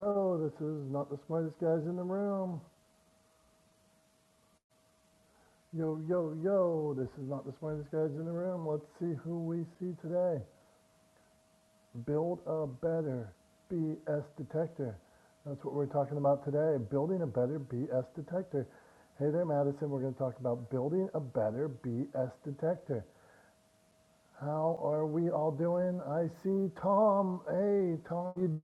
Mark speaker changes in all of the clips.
Speaker 1: Oh, this is not the smartest guys in the room. Yo, yo, yo, this is not the smartest guys in the room. Let's see who we see today. Build a better BS detector. That's what we're talking about today. Building a better BS detector. Hey there, Madison. We're going to talk about building a better BS detector. How are we all doing? I see Tom. Hey, Tom, you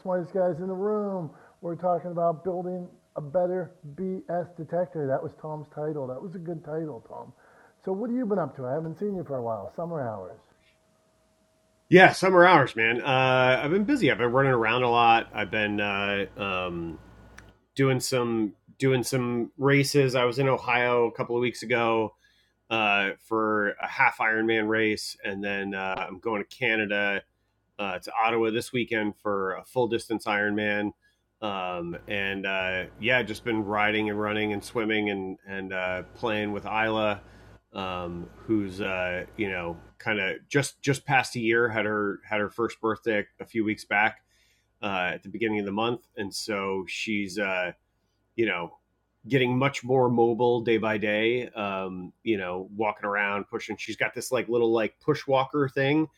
Speaker 1: smartest guys in the room. We're talking about building a better BS detector. That was Tom's title. That was a good title, Tom. So what have you been up to? I haven't seen you for a while. Summer hours.
Speaker 2: Yeah, summer hours, man. Uh, I've been busy. I've been running around a lot. I've been uh, um, doing some doing some races. I was in Ohio a couple of weeks ago uh, for a half Ironman race, and then uh, I'm going to Canada uh, to Ottawa this weekend for a full distance Ironman. Um, and uh, yeah, just been riding and running and swimming and and uh, playing with Isla, um, who's uh, you know kind of just just past a year had her had her first birthday a few weeks back uh, at the beginning of the month, and so she's uh, you know getting much more mobile day by day. Um, you know, walking around, pushing. She's got this like little like push walker thing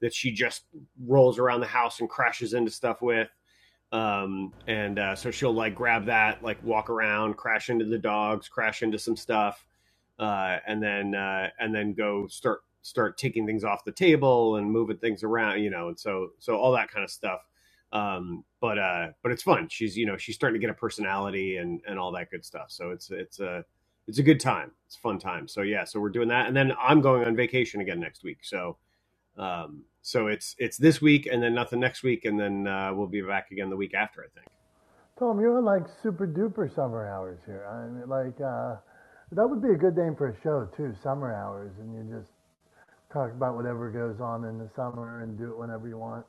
Speaker 2: that she just rolls around the house and crashes into stuff with. Um, and uh, so she'll like grab that, like walk around, crash into the dogs, crash into some stuff, uh, and then uh, and then go start start taking things off the table and moving things around, you know, and so so all that kind of stuff. Um, but uh, but it's fun. She's you know she's starting to get a personality and and all that good stuff. So it's it's a it's a good time. It's a fun time. So yeah, so we're doing that, and then I'm going on vacation again next week. So um, so it's it's this week and then nothing next week and then uh, we'll be back again the week after I think.
Speaker 1: Tom, you're on like super duper summer hours here. I mean, like, uh, that would be a good name for a show too, summer hours. And you just talk about whatever goes on in the summer and do it whenever you want.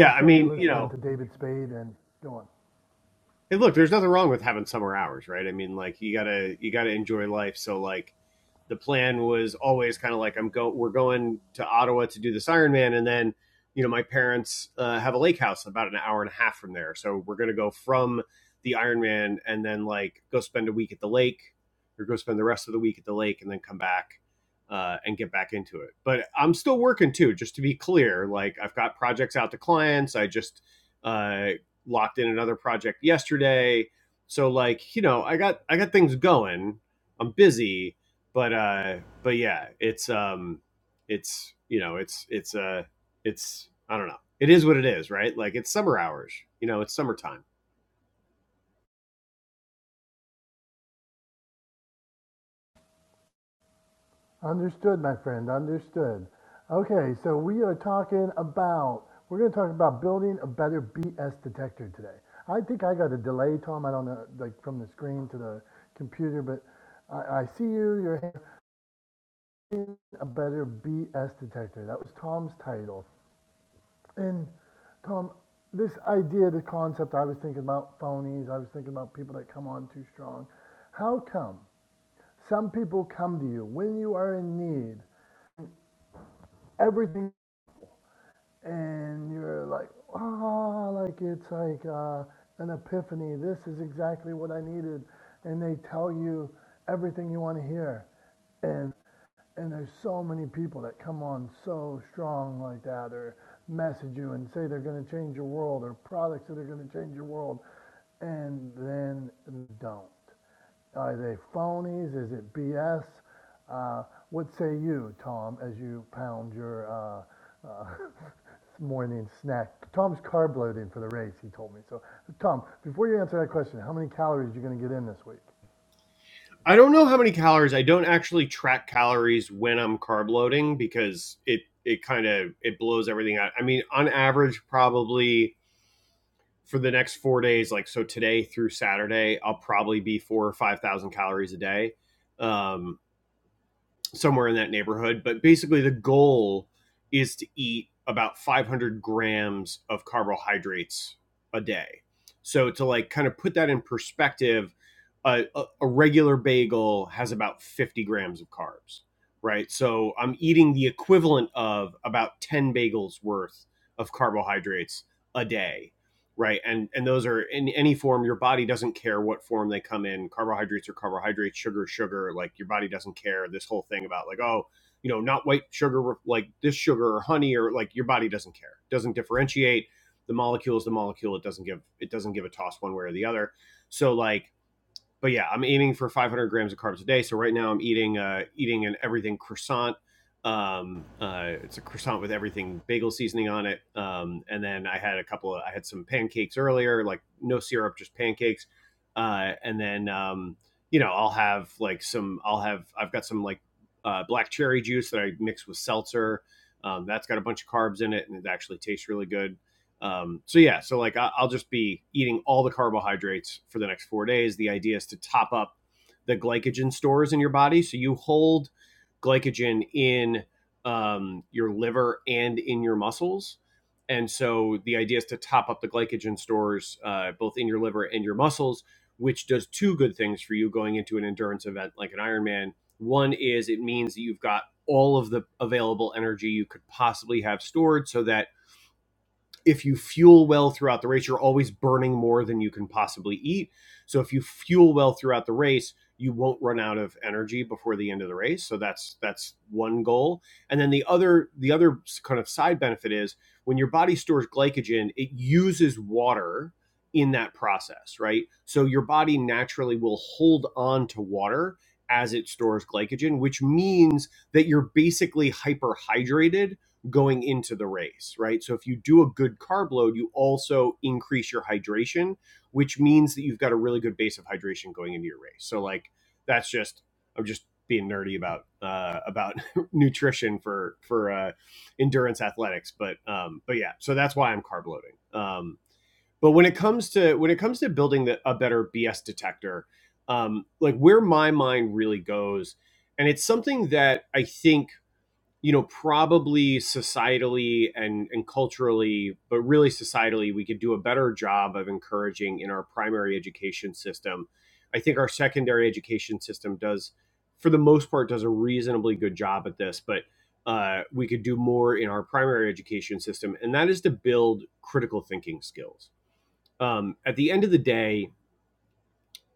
Speaker 1: I
Speaker 2: I
Speaker 1: started
Speaker 2: mean, you
Speaker 1: listening
Speaker 2: know,
Speaker 1: to David Spade and go on.
Speaker 2: hey, look, there's nothing wrong with having summer hours, right? I mean, like you gotta you gotta enjoy life. So like the plan was always kind of like I'm go we're going to Ottawa to do this Ironman, and then you know my parents uh, have a lake house about an hour and a half from there, so we're gonna go from the Ironman and then like go spend a week at the lake, or go spend the rest of the week at the lake, and then come back uh, and get back into it. But I'm still working too, just to be clear. Like I've got projects out to clients. I just uh, locked in another project yesterday, so like you know I got I got things going. I'm busy, but uh but yeah it's um it's you know it's it's uh it's i don't know it is what it is right like it's summer hours you know it's summertime
Speaker 1: Understood, my friend. Understood. Okay, so we are talking about we're going to talk about building a better BS detector today. I think I got a delay, Tom. I don't know, like from the screen to the computer, but I, I see you. You're building a better BS detector. That was Tom's title. And Tom, this idea, the concept, I was thinking about phonies. I was thinking about people that come on too strong. How come some people come to you when you are in need? Everything and you're like, ah, like it's like uh, an epiphany. This is exactly what I needed, and they tell you everything you want to hear, and and there's so many people that come on so strong like that, or message you and say they're going to change your world, or products that are going to change your world, and then don't. Are they phonies? Is it BS? Uh, what say you, Tom, as you pound your uh, uh, morning snack? Tom's carb loading for the race, he told me. So, Tom, before you answer that question, how many calories are you going to get in this week?
Speaker 2: i don't know how many calories i don't actually track calories when i'm carb loading because it it kind of it blows everything out i mean on average probably for the next four days like so today through saturday i'll probably be four or five thousand calories a day um somewhere in that neighborhood. But basically, the goal is to eat about 500 grams of carbohydrates a day. So to like kind of put that in perspective, a, a, a regular bagel has about 50 grams of carbs, right? So I'm eating the equivalent of about 10 bagels worth of carbohydrates a day right and and those are in any form your body doesn't care what form they come in carbohydrates are carbohydrates sugar sugar like your body doesn't care this whole thing about like oh you know not white sugar like this sugar or honey or like your body doesn't care It doesn't differentiate the molecule is the molecule it doesn't give it doesn't give a toss one way or the other so like but yeah, I'm aiming for 500 grams of carbs a day. So right now I'm eating uh, eating an everything croissant. Um, uh, it's a croissant with everything bagel seasoning on it. Um, and then I had a couple of I had some pancakes earlier, like no syrup, just pancakes. Uh, and then um, you know I'll have like some I'll have I've got some like uh, black cherry juice that I mix with seltzer. Um, that's got a bunch of carbs in it, and it actually tastes really good. Um, so yeah, so like I, I'll just be eating all the carbohydrates for the next four days. The idea is to top up the glycogen stores in your body, so you hold glycogen in um, your liver and in your muscles. And so the idea is to top up the glycogen stores uh, both in your liver and your muscles, which does two good things for you going into an endurance event like an Ironman. One is it means that you've got all of the available energy you could possibly have stored so that if you fuel well throughout the race, you're always burning more than you can possibly eat. So if you fuel well throughout the race, you won't run out of energy before the end of the race. So that's that's one goal. And then the other the other kind of side benefit is when your body stores glycogen, it uses water in that process, right? So your body naturally will hold on to water as it stores glycogen, which means that you're basically hyperhydrated going into the race, right? So if you do a good carb load, you also increase your hydration, which means that you've got a really good base of hydration going into your race. So like that's just I'm just being nerdy about uh, about nutrition for for uh, endurance athletics, but um, but yeah, so that's why I'm carb loading. Um, but when it comes to when it comes to building the, a better BS detector, um, like where my mind really goes, and it's something that I think you know, probably societally and, and culturally, but really societally, we could do a better job of encouraging in our primary education system. I think our secondary education system does, for the most part, does a reasonably good job at this, but uh, we could do more in our primary education system, and that is to build critical thinking skills. Um, at the end of the day,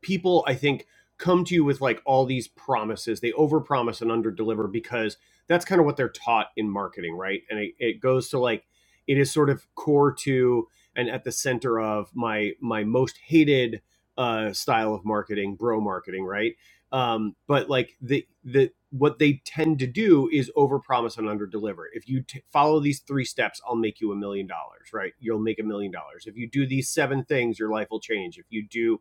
Speaker 2: people I think come to you with like all these promises. They overpromise and underdeliver because that's kind of what they're taught in marketing, right? And it, it goes to like it is sort of core to and at the center of my my most hated uh, style of marketing, bro marketing, right? Um, but like the the what they tend to do is overpromise and underdeliver. If you t- follow these three steps, I'll make you a million dollars, right? You'll make a million dollars. If you do these seven things, your life will change. If you do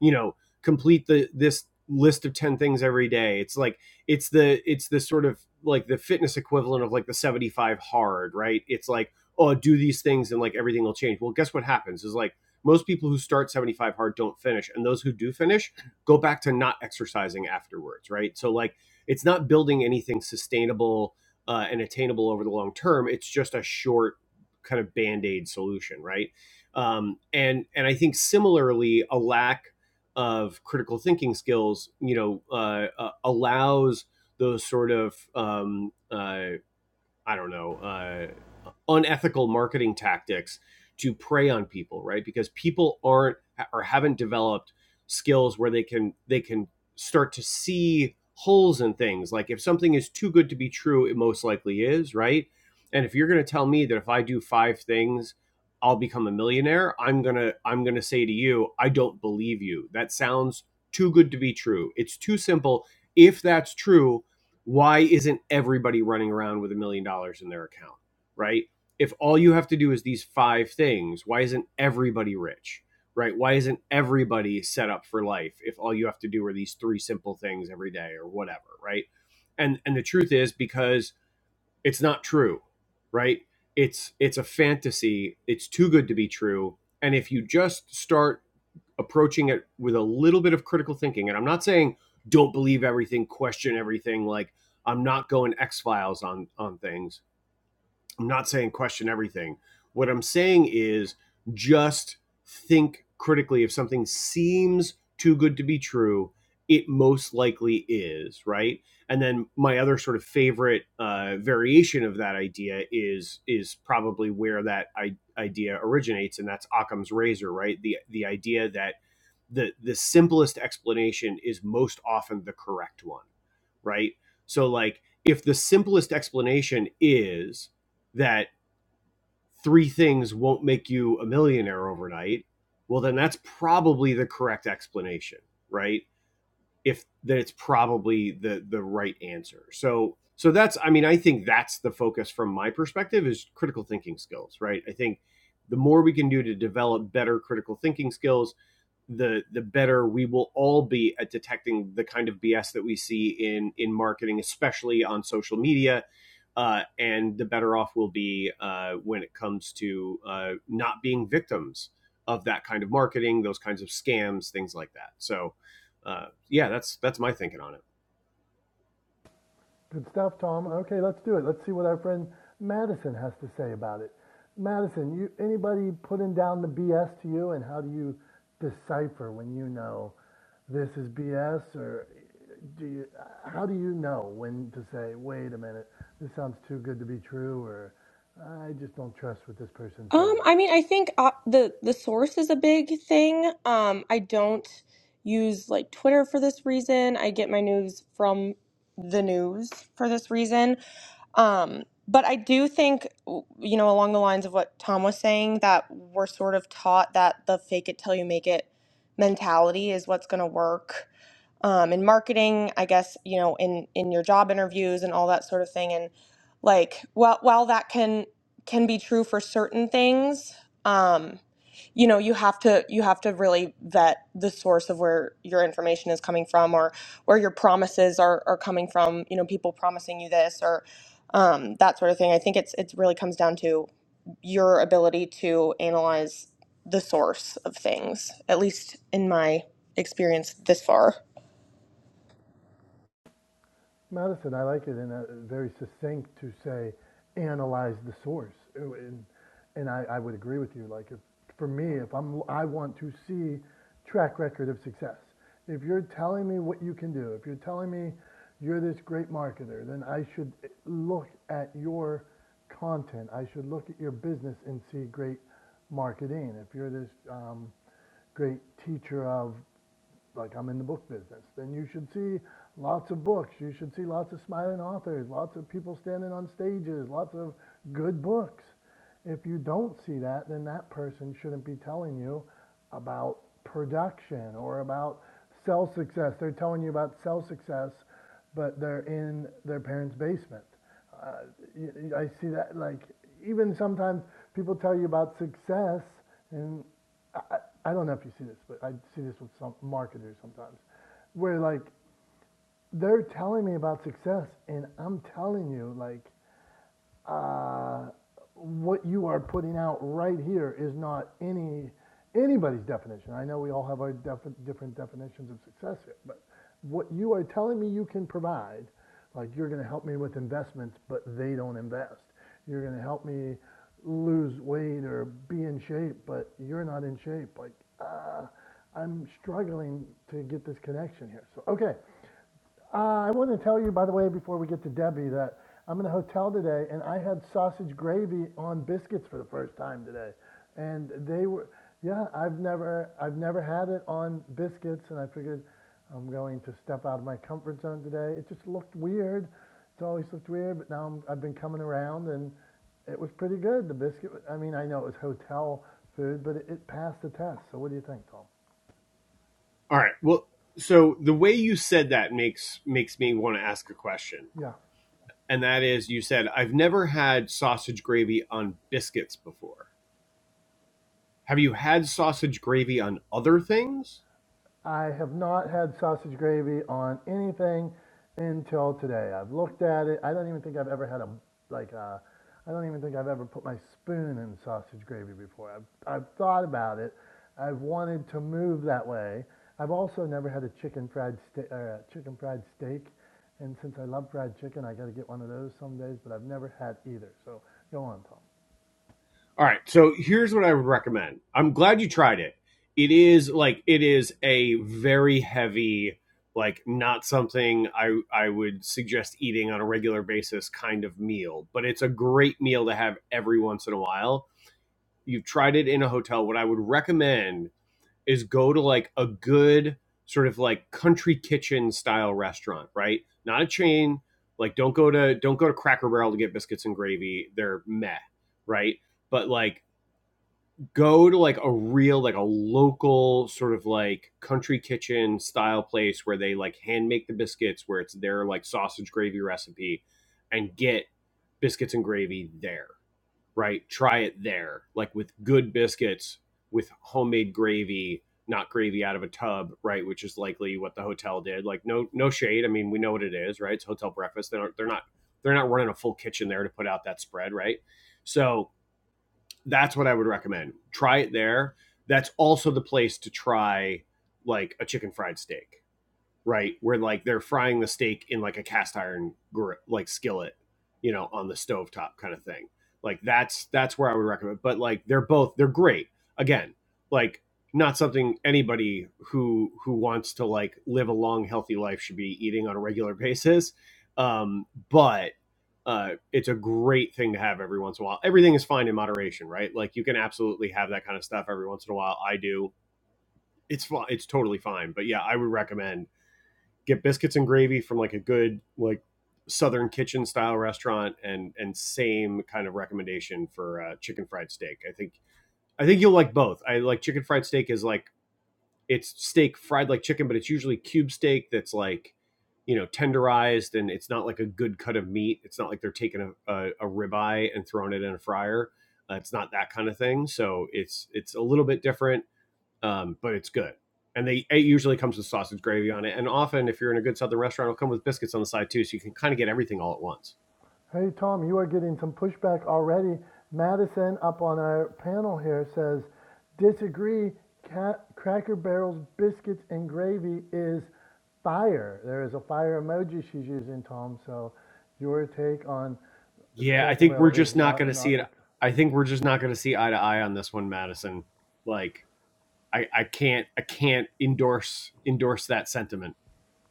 Speaker 2: you know complete the this list of 10 things every day it's like it's the it's the sort of like the fitness equivalent of like the 75 hard right it's like oh do these things and like everything will change well guess what happens is like most people who start 75 hard don't finish and those who do finish go back to not exercising afterwards right so like it's not building anything sustainable uh, and attainable over the long term it's just a short kind of band-aid solution right um, and and i think similarly a lack of critical thinking skills, you know, uh, uh, allows those sort of um, uh, I don't know uh, unethical marketing tactics to prey on people, right? Because people aren't or haven't developed skills where they can they can start to see holes in things. Like if something is too good to be true, it most likely is, right? And if you're going to tell me that if I do five things, I'll become a millionaire, I'm going to I'm going to say to you, I don't believe you. That sounds too good to be true. It's too simple. If that's true, why isn't everybody running around with a million dollars in their account? Right? if all you have to do is these five things, why isn't everybody rich? Right? Why isn't everybody set up for life if all you have to do are these three simple things every day or whatever, right? And and the truth is because it's not true, right? It's it's a fantasy. It's too good to be true. And if you just start approaching it with a little bit of critical thinking, and I'm not saying don't believe everything, question everything, like I'm not going X Files on on things I'm not saying question everything. What I'm saying is just think critically. If something seems too good to be true, it most likely is, right? And then my other sort of favorite uh, variation of that idea is is probably where that I- idea originates, and that's Occam's razor, right? The the idea that the the simplest explanation is most often the correct one right so like if the simplest explanation is that three things won't make you a millionaire overnight well then that's probably the correct explanation right if that it's probably the the right answer so so that's i mean i think that's the focus from my perspective is critical thinking skills right i think the more we can do to develop better critical thinking skills the the better we will all be at detecting the kind of BS that we see in in marketing, especially on social media, uh, and the better off we'll be uh, when it comes to uh, not being victims of that kind of marketing, those kinds of scams, things like that. So, uh, yeah, that's that's my thinking on it.
Speaker 1: Good stuff, Tom. Okay, let's do it. Let's see what our friend Madison has to say about it. Madison, you anybody putting down the BS to you, and how do you decipher when you know this is BS, or do you? How do you know when to say, "Wait a minute, this sounds too good to be true," or "I just don't trust what this person's
Speaker 3: Um,
Speaker 1: saying"?
Speaker 3: I mean, I think uh, the the source is a big thing. Um, I don't use like Twitter for this reason. I get my news from the news for this reason. Um, but I do think, w- you know, along the lines of what Tom was saying, that we're sort of taught that the fake it till you make it mentality is what's going to work um, in marketing, I guess, you know, in, in your job interviews and all that sort of thing. And like, while, while that can, can be true for certain things, um, you know, you have to, you have to really vet the source of where your information is coming from or where your promises are, are coming from, you know, people promising you this or, um, that sort of thing. I think it's it really comes down to your ability to analyze the source of things, at least in my experience this far.
Speaker 1: Madison, I like it in a very succinct to say, analyze the source. And, and I, I would agree with you. Like, if, for me, if I'm, I want to see track record of success. If you're telling me what you can do, if you're telling me you're this great marketer, then I should look at your content. I should look at your business and see great marketing. If you're this um, great teacher of like I'm in the book business, then you should see lots of books. You should see lots of smiling authors, lots of people standing on stages, lots of good books. If you don't see that, then that person shouldn't be telling you about production or about sell success. They're telling you about sell success, but they're in their parents' basement uh, y- y- I see that like even sometimes people tell you about success, and I I don't know if you see this, but I see this with some marketers sometimes, where like they're telling me about success, and I'm telling you like uh, what you are putting out right here is not any, anybody's definition. I know we all have our defi- different definitions of success here, but what you are telling me you can provide, like you're gonna help me with investments, but they don't invest. You're gonna help me lose weight or be in shape, but you're not in shape, like, uh, I'm struggling to get this connection here. So, okay, uh, I want to tell you, by the way, before we get to Debbie, that I'm in a hotel today, and I had sausage gravy on biscuits for the first time today, and they were, yeah, I've never, I've never had it on biscuits, and I figured I'm going to step out of my comfort zone today. It just looked weird. It's always looked weird, but now I'm, I've been coming around, and it was pretty good. The biscuit, I mean, I know it was hotel food, but it, it passed the test. So what do you think, Tom?
Speaker 2: All right, well, so the way you said that makes makes me want to ask a question,
Speaker 1: Yeah.
Speaker 2: and that is, you said I've never had sausage gravy on biscuits before Have you had sausage gravy on other things?
Speaker 1: I have not had sausage gravy on anything until today. I've looked at it. I don't even think I've ever had a like a, I don't even think I've ever put my spoon in sausage gravy before. I've I've thought about it. I've wanted to move that way. I've also never had a chicken fried steak or a chicken fried steak. And since I love fried chicken, I got to get one of those some days, but I've never had either. So go on, Tom.
Speaker 2: All right, so here's what I would recommend. I'm glad you tried it. It is like it is a very heavy, like not something I I would suggest eating on a regular basis kind of meal, but it's a great meal to have every once in a while. You've tried it in a hotel. What I would recommend is go to like a good sort of like country kitchen style restaurant, right? Not a chain. Like don't go to don't go to Cracker Barrel to get biscuits and gravy. They're meh, right? But like go to like a real like a local sort of like country kitchen style place where they like hand make the biscuits where it's their like sausage gravy recipe and get biscuits and gravy there right? Try it there, like with good biscuits, with homemade gravy, not gravy out of a tub, right? Which is likely what the hotel did. Like no no shade. I mean, we know what it is, right? It's hotel breakfast. They don't, they're not they're not running a full kitchen there to put out that spread, right? So that's what I would recommend. Try it there. That's also the place to try like a chicken fried steak right? Where like they're frying the steak in like a cast iron gr- like skillet, you know, on the stovetop kind of thing. Like that's that's where I would recommend. But like they're both they're great. Again, like not something anybody who who wants to like live a long healthy life should be eating on a regular basis. Um, but uh, it's a great thing to have every once in a while. Everything is fine in moderation, right? Like you can absolutely have that kind of stuff every once in a while. I do. It's fine. It's totally fine. But yeah, I would recommend get biscuits and gravy from like a good like southern kitchen style restaurant and and same kind of recommendation for uh, chicken fried steak i think i think you'll like both i like chicken fried steak is like it's steak fried like chicken but it's usually cube steak that's like you know tenderized and it's not like a good cut of meat it's not like they're taking a, a, a ribeye and throwing it in a fryer uh, it's not that kind of thing so it's it's a little bit different um, but it's good. And they it usually comes with sausage gravy on it, and often if you're in a good southern restaurant, it'll come with biscuits on the side too, so you can kind of get everything all at once.
Speaker 1: Hey, Tom, you are getting some pushback already. Madison up on our panel here says, disagree, Ca- Cracker Barrel's biscuits and gravy is fire. There is a fire emoji she's using, Tom. So your take on
Speaker 2: Yeah, I
Speaker 1: Cracker
Speaker 2: think we're
Speaker 1: Barrel is
Speaker 2: just not going
Speaker 1: not,
Speaker 2: to
Speaker 1: not
Speaker 2: see it.
Speaker 1: a,
Speaker 2: I think we're just not going to see eye to eye on this one, Madison. Like I, I can't I can't endorse endorse that sentiment.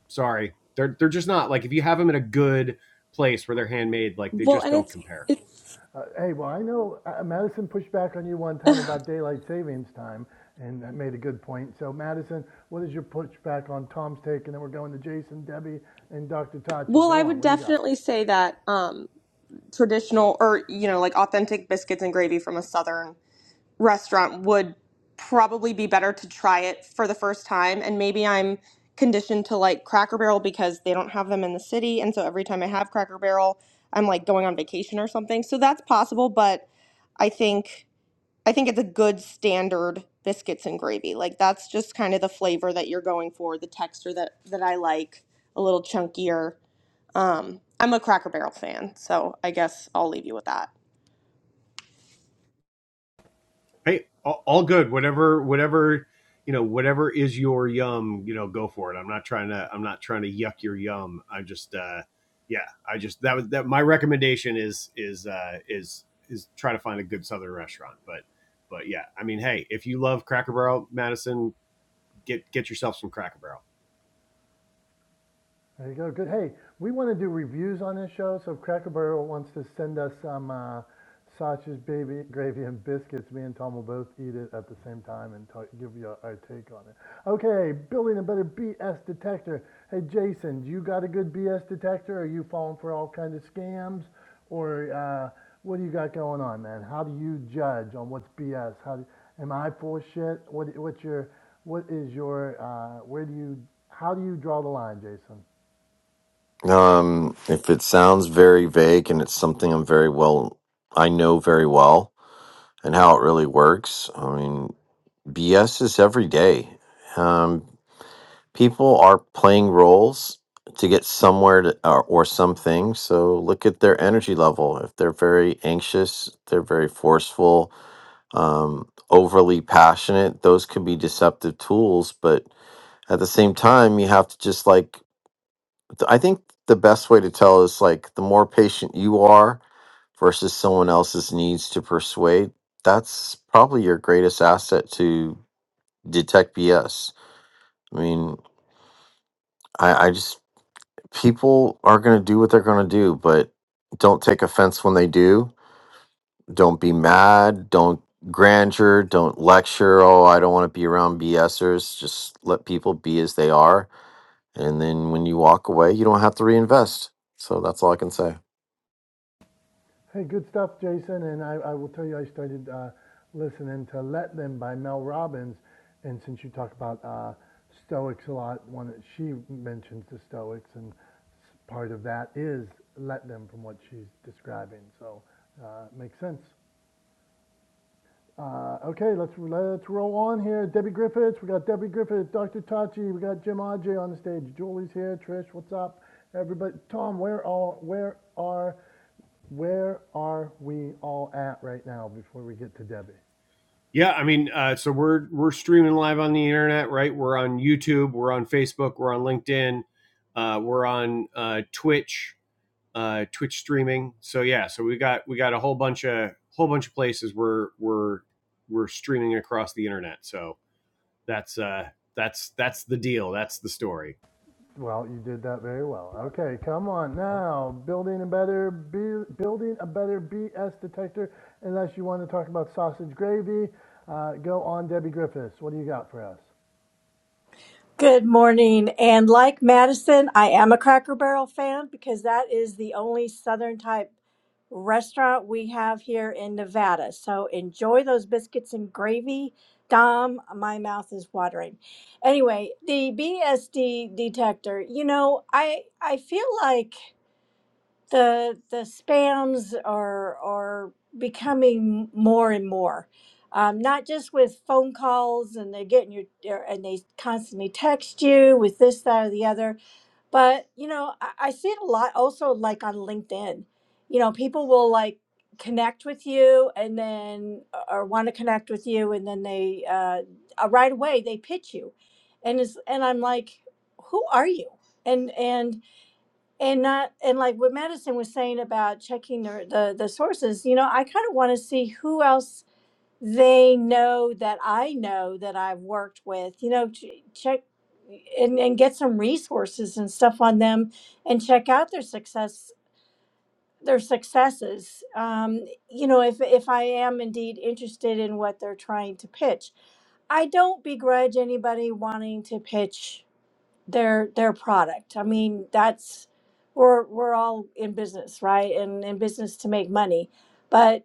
Speaker 2: Sorry, they're they're just not like if you have them in a good place where they're handmade, like they
Speaker 3: Well,
Speaker 2: just
Speaker 3: and
Speaker 2: don't
Speaker 3: it's
Speaker 2: compare.
Speaker 3: it's
Speaker 1: uh, hey, well, I know uh, Madison pushed back on you one time about daylight savings time, and that made a good point. So, Madison, what is your pushback on Tom's take? And then we're going to Jason, Debbie, and Dr. Tachi.
Speaker 3: well, I
Speaker 1: Go on.
Speaker 3: would
Speaker 1: What do you got?
Speaker 3: definitely say that um, traditional or you know like authentic biscuits and gravy from a southern restaurant would probably be better to try it for the first time. And maybe I'm conditioned to like Cracker Barrel because they don't have them in the city. And so every time I have Cracker Barrel, I'm like going on vacation or something. So that's possible, but I think I think it's a good standard biscuits and gravy. Like that's just kind of the flavor that you're going for, the texture that that I like, a little chunkier. Um, I'm a Cracker Barrel fan, so I guess I'll leave you with that.
Speaker 2: Hey, all, all good. Whatever whatever you know whatever is your yum, you know, go for it. I'm not trying to I'm not trying to yuck your yum. i just uh yeah, I just that was that my recommendation is is uh is is try to find a good southern restaurant, but but yeah, I mean, hey, if you love Cracker Barrel, Madison, get get yourself some Cracker Barrel.
Speaker 1: There you go. Good. Hey, we want to do reviews on this show, so if Cracker Barrel wants to send us some uh, sausage, baby gravy, and biscuits, me and Tom will both eat it at the same time and talk, give you our take on it. Okay, building a better BS detector. Hey, Jason, do you got a good BS detector? Are you falling for all kinds of scams, or uh, what do you got going on, man? How do you judge on what's BS? How do, am I full of shit? What, what's your, what is your, uh, where do you, how do you draw the line, Jason?
Speaker 4: Um, if it sounds very vague and it's something I'm very well, I know very well and how it really works, I mean, BS is every day. Um, people are playing roles to get somewhere to, or, or something. So look at their energy level. If they're very anxious, they're very forceful, um, overly passionate, those could be deceptive tools. But at the same time, you have to just like th- I think the best way to tell is like the more patient you are versus someone else's needs to persuade, that's probably your greatest asset to detect BS. I mean, I, I just, people are going to do what they're going to do, but don't take offense when they do. Don't be mad. Don't grandeur. Don't lecture. Oh, I don't want to be around BSers. Just let people be as they are. And then when you walk away, you don't have to reinvest. So that's all I can say.
Speaker 1: Hey, good stuff, Jason. And I, I will tell you, I started uh, listening to Let Them by Mel Robbins. And since you talk about uh, Stoics a lot, one that she mentions the Stoics, and part of that is Let Them from what she's describing. So uh, it makes sense. Uh, okay, let's let's roll on here. Debbie Griffiths, we got Debbie Griffiths, Dr. Tachi, we got Jim Ajay on the stage. Julie's here. Trish, what's up? Everybody, Tom, where all where are where are we all at right now before we get to Debbie?
Speaker 2: Yeah, I mean, uh, so we're we're streaming live on the internet, right? We're on YouTube, we're on Facebook, we're on LinkedIn, uh, we're on uh, Twitch, uh, Twitch streaming. So yeah, so we got we got a whole bunch of whole bunch of places we're we're we're streaming across the internet. So that's uh, that's that's the deal. That's the story.
Speaker 1: Well, you did that very well. Okay, come on now. Building a better B, building a better BS detector. Unless you want to talk about sausage gravy, uh, go on Debbie Griffiths. What do you got for us?
Speaker 5: Good morning. And like Madison, I am a Cracker Barrel fan because that is the only Southern type restaurant we have here in Nevada. So enjoy those biscuits and gravy. Dom, my mouth is watering. Anyway, the BSD detector, you know, I I feel like the the spams are are becoming more and more um, not just with phone calls and they're getting your your- er, and they constantly text you with this that or the other but you know I, I see it a lot also like on linkedin you know people will like connect with you and then uh, or want to connect with you and then they uh, uh, right away they pitch you and it's and i'm like who are you and and and not and like what Madison was saying about checking the the, the sources you know i kind of want to see who else they know that i know that i've worked with you know ch- check and, and get some resources and stuff on them and check out their success their successes um, you know if if i am indeed interested in what they're trying to pitch i don't begrudge anybody wanting to pitch their their product. I mean, that's we're we're all in business, right? And in business to make money. but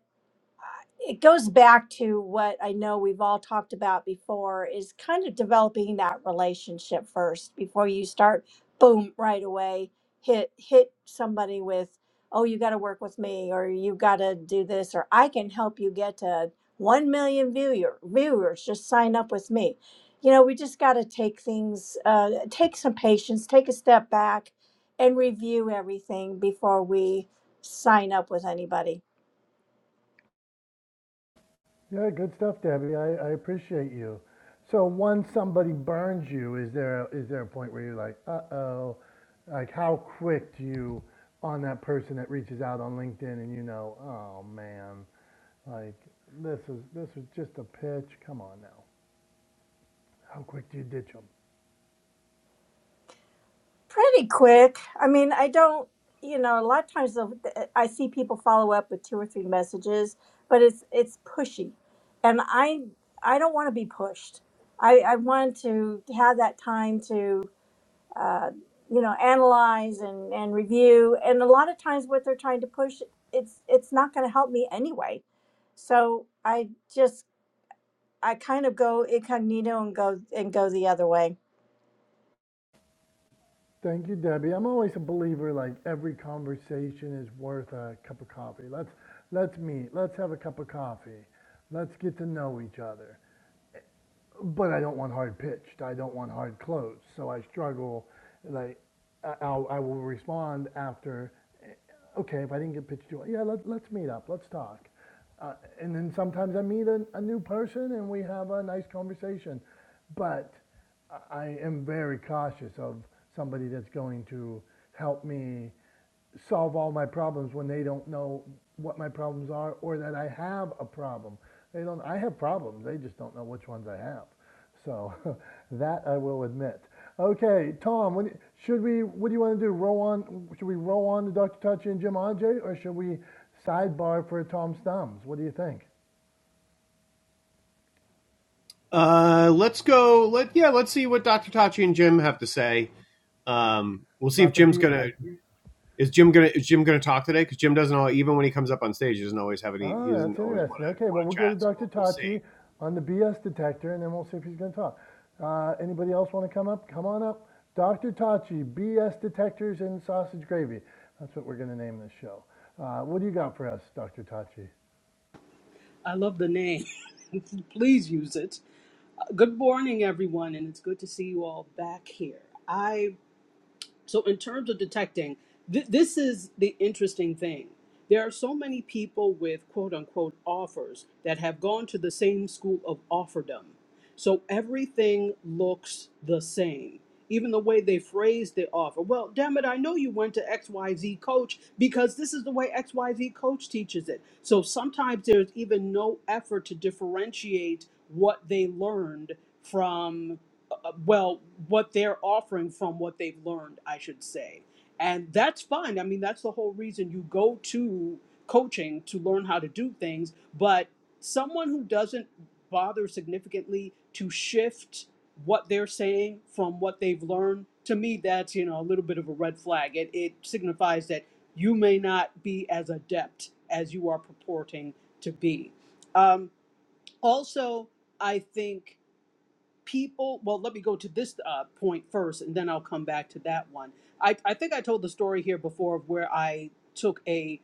Speaker 5: it goes back to what I know we've all talked about before is kind of developing that relationship first before you start boom right away hit hit somebody with oh you got to work with me or you got to do this or I can help you get to 1 million viewer viewers just sign up with me. You know, we just got to take things uh take some patience, take a step back and review everything before we sign up with anybody.
Speaker 1: Yeah, good stuff, Debbie. I, I appreciate you. So once somebody burns you, is there a, is there a point where you're like, uh-oh, like how quick do you on that person that reaches out on LinkedIn and you know, oh man, like this is this was just a pitch. Come on now, how quick do you ditch them?
Speaker 5: Pretty quick. I mean, I don't, you know, a lot of times they'll- I see people follow up with two or three messages, but it's it's pushy, and I I don't want to be pushed. I I want to have that time to. Uh, you know analyze and, and review and a lot of times what they're trying to push it's it's not going to help me anyway so i just i kind of go incognito and go and go the other way
Speaker 1: Thank you, Debbie. I'm always a believer. Like every conversation is worth a cup of coffee. Let's let's meet. Let's have a cup of coffee. Let's get to know each other. but I don't want hard pitched. I don't want hard closed. So I struggle. Like I- will I will respond after. eh, Okay, if I didn't get pitched to, it, yeah, let, let's meet up. Let's talk. Uh, and then sometimes I meet a, a new person and we have a nice conversation. But I am very cautious of somebody that's going to help me solve all my problems when they don't know what my problems are or that I have a problem. They don't. I have problems. They just don't know which ones I have. So that I will admit. Okay, Tom. What, should we? What do you want to do? Roll on? Should we roll on to Dr. Touchy and Jim Ajay, or should we sidebar for Tom's thumbs? What do you think
Speaker 2: Uh, let's go. Let yeah, let's see what Doctor Tachi and Jim have to say. Um, we'll see if
Speaker 1: about the B?
Speaker 2: Jim's gonna Is Jim gonna is Jim gonna talk today? Because Jim doesn't all even when he comes up on stage, he doesn't always have any. He
Speaker 1: Oh,
Speaker 2: doesn't
Speaker 1: that's
Speaker 2: always want
Speaker 1: interesting.
Speaker 2: to
Speaker 1: Okay, well,
Speaker 2: want to
Speaker 1: we'll go to
Speaker 2: chat. So
Speaker 1: Dr.
Speaker 2: we'll we'll see.
Speaker 1: Tachi on the BS detector, and then we'll see if he's going to talk. Uh, anybody else want to come up? Come on up. Dr. Tachi, BS detectors and sausage gravy. That's what we're going to name this show. Uh, what do you got for us, Dr. Tachi?
Speaker 6: I love the name. Please use it. Good morning, everyone, and it's good to see you all back here. I. So, in terms of detecting, th- this is the interesting thing. There are so many people with quote unquote offers that have gone to the same school of offerdom. So, everything looks the same. Even the way they phrase the offer. Well, damn it, I know you went to XYZ coach because this is the way XYZ coach teaches it. So sometimes there's even no effort to differentiate what they learned from uh, well, what they're offering from what they've learned, I should say. And that's fine. I mean, that's the whole reason you go to coaching to learn how to do things. But someone who doesn't bother significantly to shift what they're saying from what they've learned, to me, that's, you know, a little bit of a red flag. It, it signifies that you may not be as adept as you are purporting to be. Um, also, I think people well let me go to this uh, point first and then i'll come back to that one I, I think i told the story here before of where i took a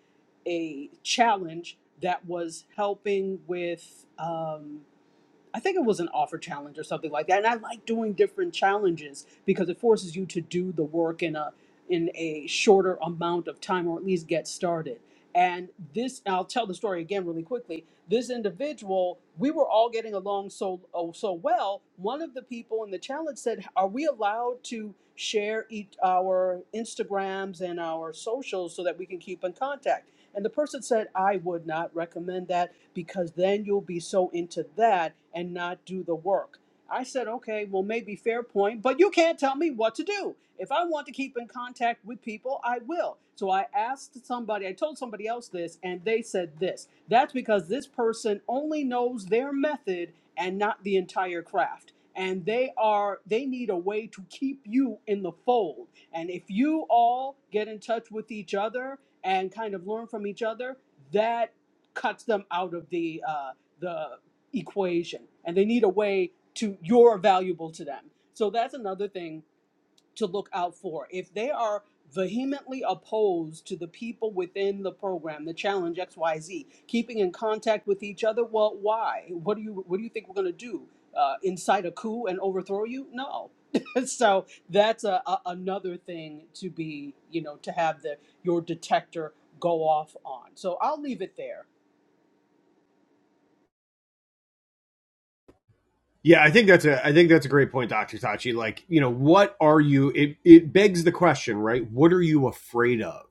Speaker 6: a challenge that was helping with um, I think it was an offer challenge or something like that. And I like doing different challenges because it forces you to do the work in a in a shorter amount of time or at least get started. And this I'll tell the story again really quickly. This individual, we were all getting along so oh, so well. One of the people in the challenge said, "Are we allowed to share each, our Instagrams and our socials so that we can keep in contact?" And the person said, "I would not recommend that because then you'll be so into that and not do the work. I said, okay, well, maybe fair point, but you can't tell me what to do. If I want to keep in contact with people, I will. So I asked somebody, I told somebody else this, and they said this. That's because this person only knows their method and not the entire craft. And they are, they need a way to keep you in the fold. And if you all get in touch with each other and kind of learn from each other, that cuts them out of the uh, the equation, and they need a way to you're valuable to them. So that's another thing to look out for. If they are vehemently opposed to the people within the program, the challenge X Y Z, keeping in contact with each other, well, why? What do you what do you think we're going to do? Uh, incite a coup and overthrow you? No. so that's a, a, another thing to be, you know, to have the your detector go off on. So I'll leave it there.
Speaker 2: Yeah, I think that's a I think that's a great point, Doctor Tachi. Like, you know, what are you? It it begs the question, right? What are you afraid of?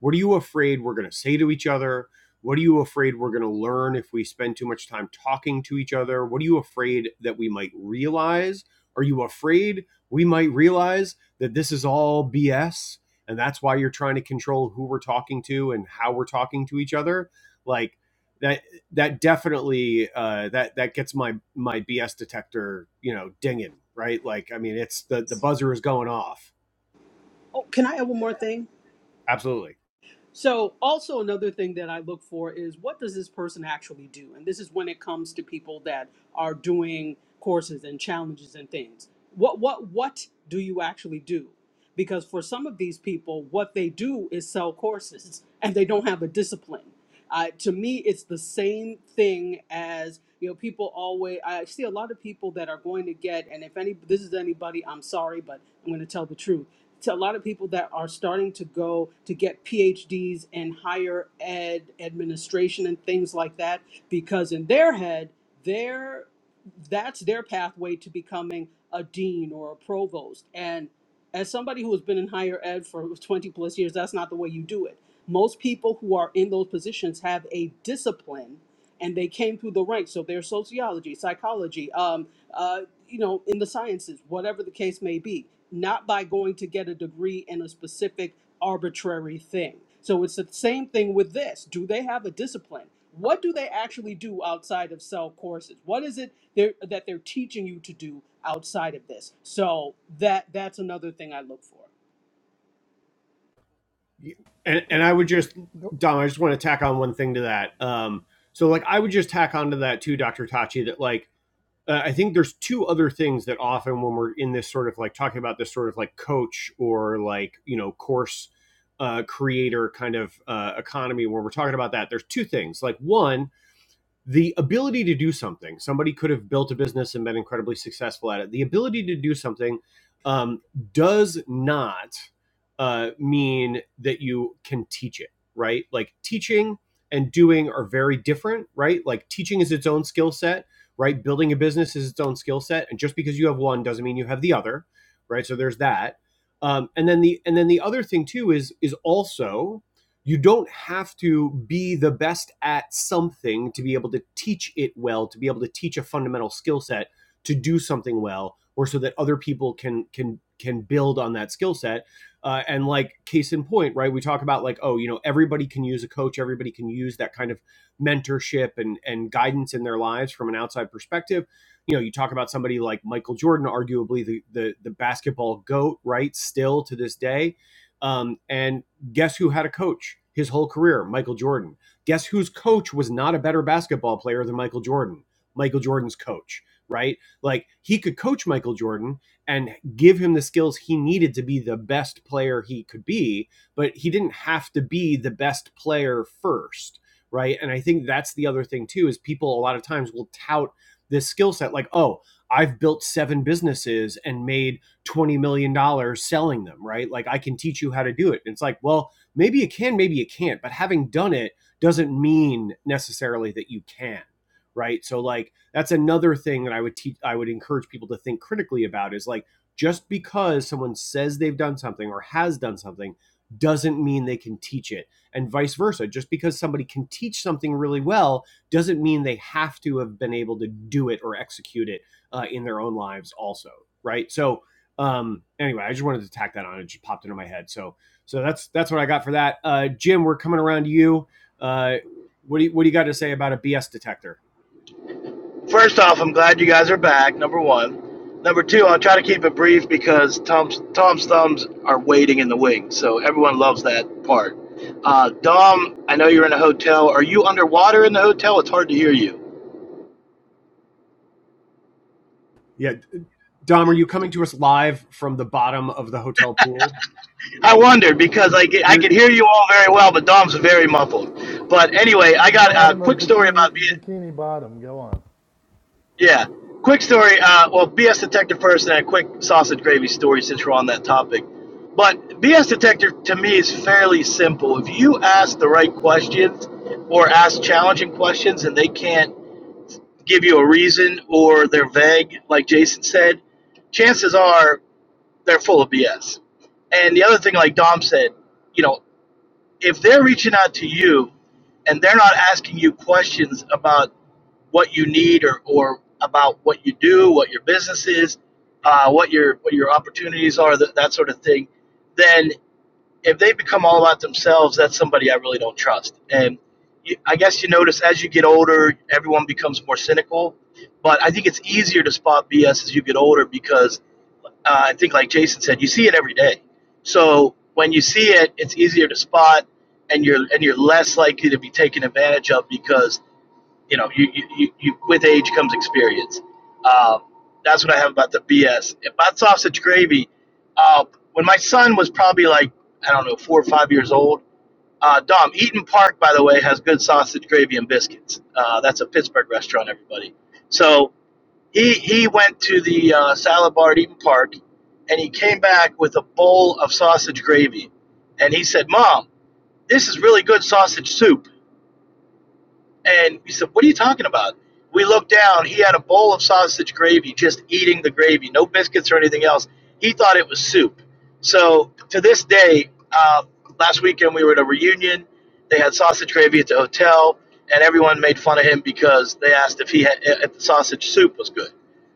Speaker 2: What are you afraid we're going to say to each other? What are you afraid we're going to learn if we spend too much time talking to each other? What are you afraid that we might realize? Are you afraid we might realize that this is all BS and that's why you're trying to control who we're talking to and how we're talking to each other? Like, that that definitely uh, that that gets my my BS detector you know dinging right. Like I mean, it's the the buzzer is going off.
Speaker 6: Oh, can I have one more thing?
Speaker 2: Absolutely,
Speaker 6: So, also another thing that I look for is what does this person actually do? And this is when it comes to people that are doing courses and challenges and things. What what what do you actually do? Because for some of these people, what they do is sell courses, and they don't have a discipline. Uh, to me, it's the same thing as you know. People always I see a lot of people that are going to get, and if any this is anybody, I'm sorry, but I'm going to tell the truth to a lot of people that are starting to go to get PhDs in higher ed administration and things like that, because in their head, their that's their pathway to becoming a dean or a provost. And as somebody who has been in higher ed for 20 plus years, that's not the way you do it. Most people who are in those positions have a discipline and they came through the ranks. So there's sociology, psychology. um, uh, you know, in the sciences, whatever the case may be, not by going to get a degree in a specific arbitrary thing. So it's the same thing with this. Do they have a discipline? What do they actually do outside of cell courses? What is it they're, that they're teaching you to do outside of this? So that that's another thing I look for.
Speaker 2: and and I would just
Speaker 1: The
Speaker 2: Dom, I just want to tack on one thing to that. Um, so like I would just tack onto that too, Doctor Tachi, that like. Uh, I think there's two other things that often when we're in this sort of like talking about this sort of like coach or like you know course uh, creator kind of uh, economy when we're talking about that there's two things like one the ability to do something somebody could have built a business and been incredibly successful at it the ability to do something um, does not uh, mean that you can teach it right like teaching and doing are very different right like teaching is its own skill set right building a business is its own skill set and just because you have one doesn't mean you have the other right so there's that um, and then the and then the other thing too is is also you don't have to be the best at something to be able to teach it well to be able to teach a fundamental skill set to do something well or so that other people can can can build on that skill set uh, and like case in point right we talk about like oh you know everybody can use a coach everybody can use that kind of mentorship and and guidance in their lives from an outside perspective you know you talk about somebody like michael jordan arguably the the, the basketball goat right still to this day um, and Guess who had a coach his whole career? Michael Jordan. Guess whose coach was not a better basketball player than Michael Jordan? Michael Jordan's coach, right? Like he could coach Michael Jordan and give him the skills he needed to be the best player he could be, but he didn't have to be the best player first, right? And I think that's the other thing too is people a lot of times will tout this skill set like, "Oh, I've built seven businesses and made 20 million dollars selling them right like i can teach you how to do it and it's like well maybe you can maybe you can't but having done it doesn't mean necessarily that you can right so like that's another thing that i would teach i would encourage people to think critically about is like just because someone says they've done something or has done something doesn't mean they can teach it and vice versa just because somebody can teach something really well doesn't mean they have to have been able to do it or execute it uh, in their own lives also right so um anyway i just wanted to tack that on it just popped into my head so so that's that's what i got for that uh jim we're coming around to you uh what do you, what do you got to say about a bs detector
Speaker 7: First off, I'm glad you guys are back. Number one. Number two, I'll try to keep it brief because Tom's Tom's thumbs are waiting in the wings, so everyone loves that part. Uh, Dom, I know you're in a hotel. Are you underwater in the hotel? It's hard to hear you.
Speaker 2: yeah dom are you coming to us live from the bottom of the hotel pool
Speaker 7: I wondered because I get, I
Speaker 2: you're
Speaker 7: could hear you all very well, but Dom's very muffled. But anyway, I
Speaker 1: the
Speaker 7: got a
Speaker 1: bottom of
Speaker 7: quick story about
Speaker 1: bikini,
Speaker 7: Vietnam.
Speaker 1: bikini bottom. Go on.
Speaker 7: Yeah. Quick story. Uh, well, BS Detector first, and a quick sausage gravy story since we're on that topic. But BS Detector to me is fairly simple. If you ask the right questions or ask challenging questions and they can't give you a reason or they're vague, like Jason said, chances are they're full of BS. And the other thing, like Dom said, you know, if they're reaching out to you and they're not asking you questions about what you need or, or about what you do, what your business is, uh, what your what your opportunities are, that, that sort of thing, then if they become all about themselves, that's somebody I really don't trust. And you, I guess you notice as you get older, everyone becomes more cynical. But I think it's easier to spot BS as you get older because uh, I think, like Jason said, you see it every day. So when you see it, it's easier to spot, and you're and you're less likely to be taken advantage of because you know, you, you, you, you with age comes experience. Um, that's what I have about the BS. About sausage gravy, uh, when my son was probably like, I don't know, four or five years old, uh, Dom, Eaton Park, by the way, has good sausage gravy and biscuits. Uh, that's a Pittsburgh restaurant, everybody. So he, he went to the uh, salad bar at Eaton Park and he came back with a bowl of sausage gravy. And he said, Mom, this is really good sausage soup. And we said, What are you talking about? We looked down. He had a bowl of sausage gravy, just eating the gravy, no biscuits or anything else. He thought it was soup. So to this day, uh, last weekend we were at a reunion. They had sausage gravy at the hotel, and everyone made fun of him because they asked if he had, if the sausage soup was good.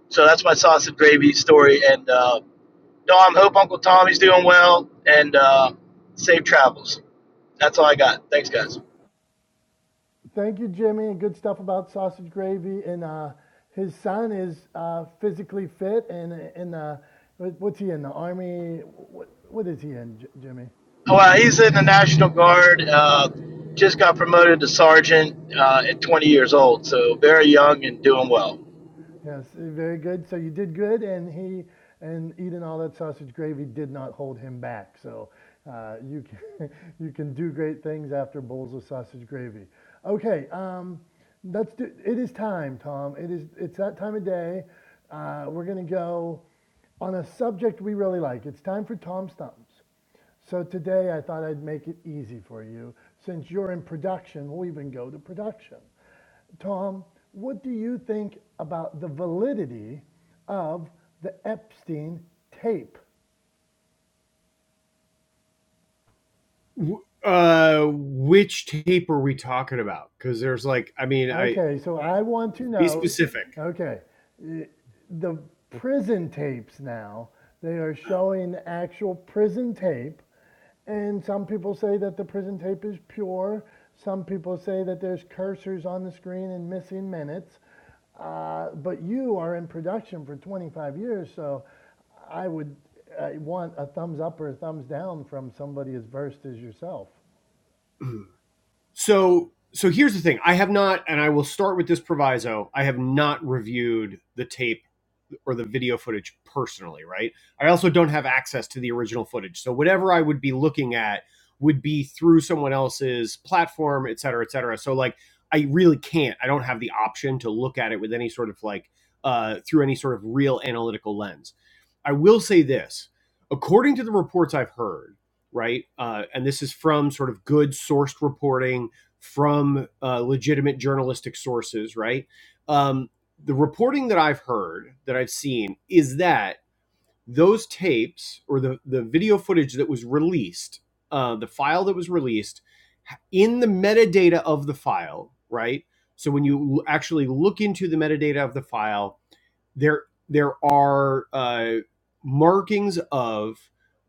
Speaker 7: So that's my sausage gravy story. And uh, Dom, hope Uncle Tommy's doing well and uh, safe travels. That's all I got. Thanks, guys.
Speaker 1: Thank you, Jimmy. Good stuff about sausage gravy. And uh, his son is uh, physically fit, and and uh, what- what's he in the army? What what is he in, J- Jimmy?
Speaker 7: Oh, Well, he's in the National Guard. Uh, just got promoted to sergeant uh, at 20 years old, so very young and doing well.
Speaker 1: Yes, very good. So you did good, and he and eating all that sausage gravy did not hold him back. So uh, you can you can do great things after bowls of sausage gravy. Okay, um, let's do. It is time, Tom. It is. It's that time of day. Uh, we're gonna go on a subject we really like. It's time for Tom Stumps. So today I thought I'd make it easy for you. Since you're in production, we'll even go to production. Tom, what do you think about the validity of the Epstein tape?
Speaker 2: uh which tape are we talking about because there's like i mean i
Speaker 1: Okay, so I want to
Speaker 2: be
Speaker 1: know.
Speaker 2: specific
Speaker 1: Okay, the prison tapes now. They are
Speaker 2: Oh.
Speaker 1: showing actual prison tape, and some people say that the prison tape is pure. Some people say that there's cursors on the screen and missing minutes. Uh, but you are in production for 25 years, so I would I want a thumbs up or a thumbs down from somebody as versed as yourself.
Speaker 2: so so here's the thing i have not and i will start with this proviso i have not reviewed the tape or the video footage personally, right? I also don't have access to the original footage. So whatever I would be looking at would be through someone else's platform, et cetera, et cetera. So like I really can't. I don't have the option to look at it with any sort of like uh, through any sort of real analytical lens. I will say this, according to the reports I've heard, right, uh, and this is from sort of good sourced reporting from uh, legitimate journalistic sources, right? Um, the reporting that I've heard that I've seen is that those tapes or the the video footage that was released, uh, the file that was released in the metadata of the file, right? So when you actually look into the metadata of the file, there there are uh, markings of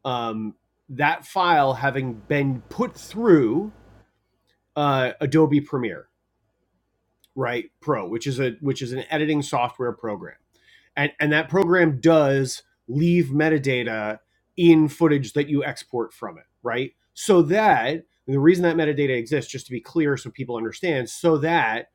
Speaker 2: um, that file having been put through uh, Adobe Premiere, right? Pro, which is a which is an editing software program and and that program does leave metadata in footage that you export from it right so that the reason that metadata exists just to be clear so people understand so that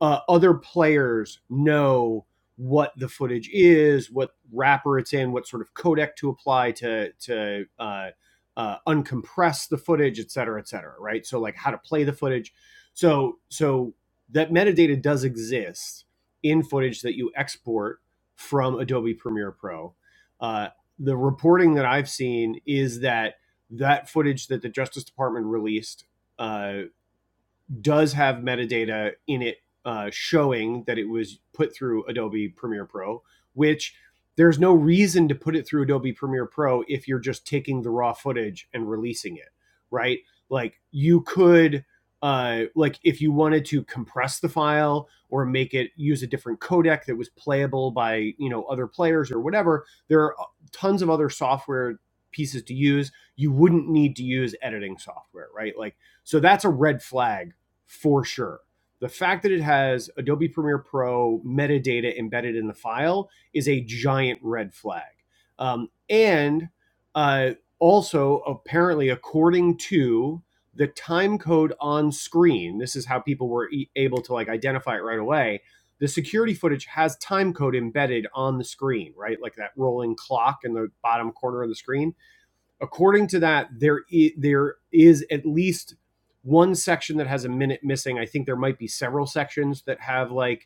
Speaker 2: uh, other players know what the footage is what wrapper it's in what sort of codec to apply to to uh, uh, uncompress the footage et cetera et cetera right so like how to play the footage so so that metadata does exist in footage that you export from Adobe Premiere Pro. Uh, the reporting that I've seen is that that footage that the Justice Department released uh, does have metadata in it uh, showing that it was put through Adobe Premiere Pro, which there's no reason to put it through Adobe Premiere Pro if you're just taking the raw footage and releasing it, right? Like you could uh like if you wanted to compress the file or make it use a different codec that was playable by, you know, other players or whatever, there are uh, tons of other software pieces to use. You wouldn't need to use editing software, right? Like so that's a red flag for sure. The fact that it has Adobe Premiere Pro metadata embedded in the file is a giant red flag. Um, and uh, also, apparently, according to the time code on screen, this is how people were e- able to like identify it right away. The security footage has time code embedded on the screen, right? Like that rolling clock in the bottom corner of the screen according to that, there is, there is at least one section that has a minute missing. I think there might be several sections that have like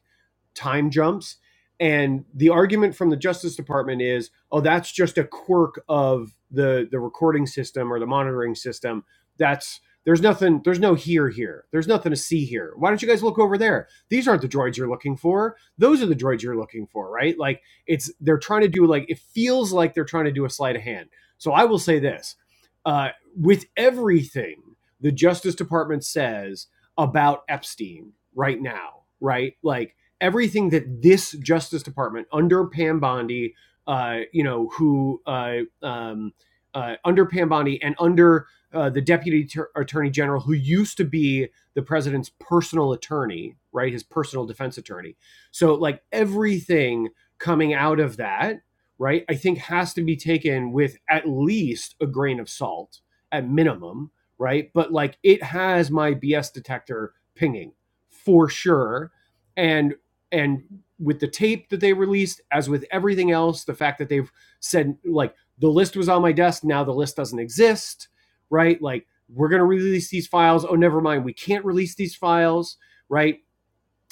Speaker 2: time jumps. And the argument from the Justice Department is, oh, that's just a quirk of the the recording system or the monitoring system. That's there's nothing, there's no here here. There's nothing to see here. Why don't you guys look over there? These aren't the droids you're looking for. Those are the droids you're looking for, right? Like it's they're trying to do like it feels like they're trying to do a sleight of hand. So I will say this. Uh, with everything the Justice Department says about Epstein right now, right? Like everything that this Justice Department under Pam Bondi, uh, you know, who uh, um, uh, under Pam Bondi and under uh, the Deputy Tur- Attorney General, who used to be the president's personal attorney, right, his personal defense attorney. So like everything coming out of that, right, I think has to be taken with at least a grain of salt at minimum, right? But like it has my BS detector pinging for sure and and with the tape that they released as with everything else the fact that they've said like the list was on my desk now the list doesn't exist right like we're going to release these files oh never mind we can't release these files right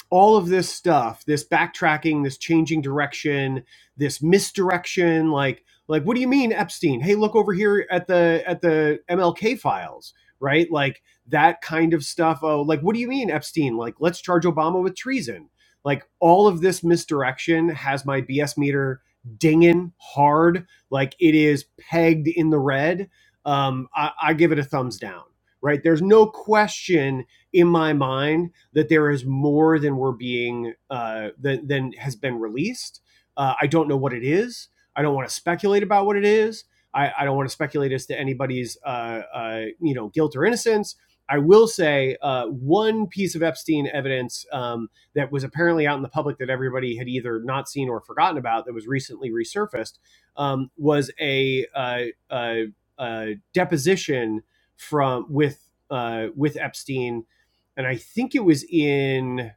Speaker 2: all of this stuff, this backtracking, this changing direction, this misdirection, like like what do you mean Epstein? Hey, look over here at the at the MLK files, right? Like that kind of stuff. Oh, like what do you mean Epstein? Like let's charge Obama with treason. Like all of this misdirection has my BS meter dinging hard, like it is pegged in the red. Um, I, I give it a thumbs down, right? There's no question in my mind that there is more than we're being uh, than than has been released. Uh, I don't know what it is. I don't want to speculate about what it is. I, I don't want to speculate as to anybody's uh, uh, you know guilt or innocence. I will say uh, one piece of Epstein evidence um, that was apparently out in the public that everybody had either not seen or forgotten about that was recently resurfaced um, was a, uh, uh, uh, deposition from with uh, with Epstein and I think it was in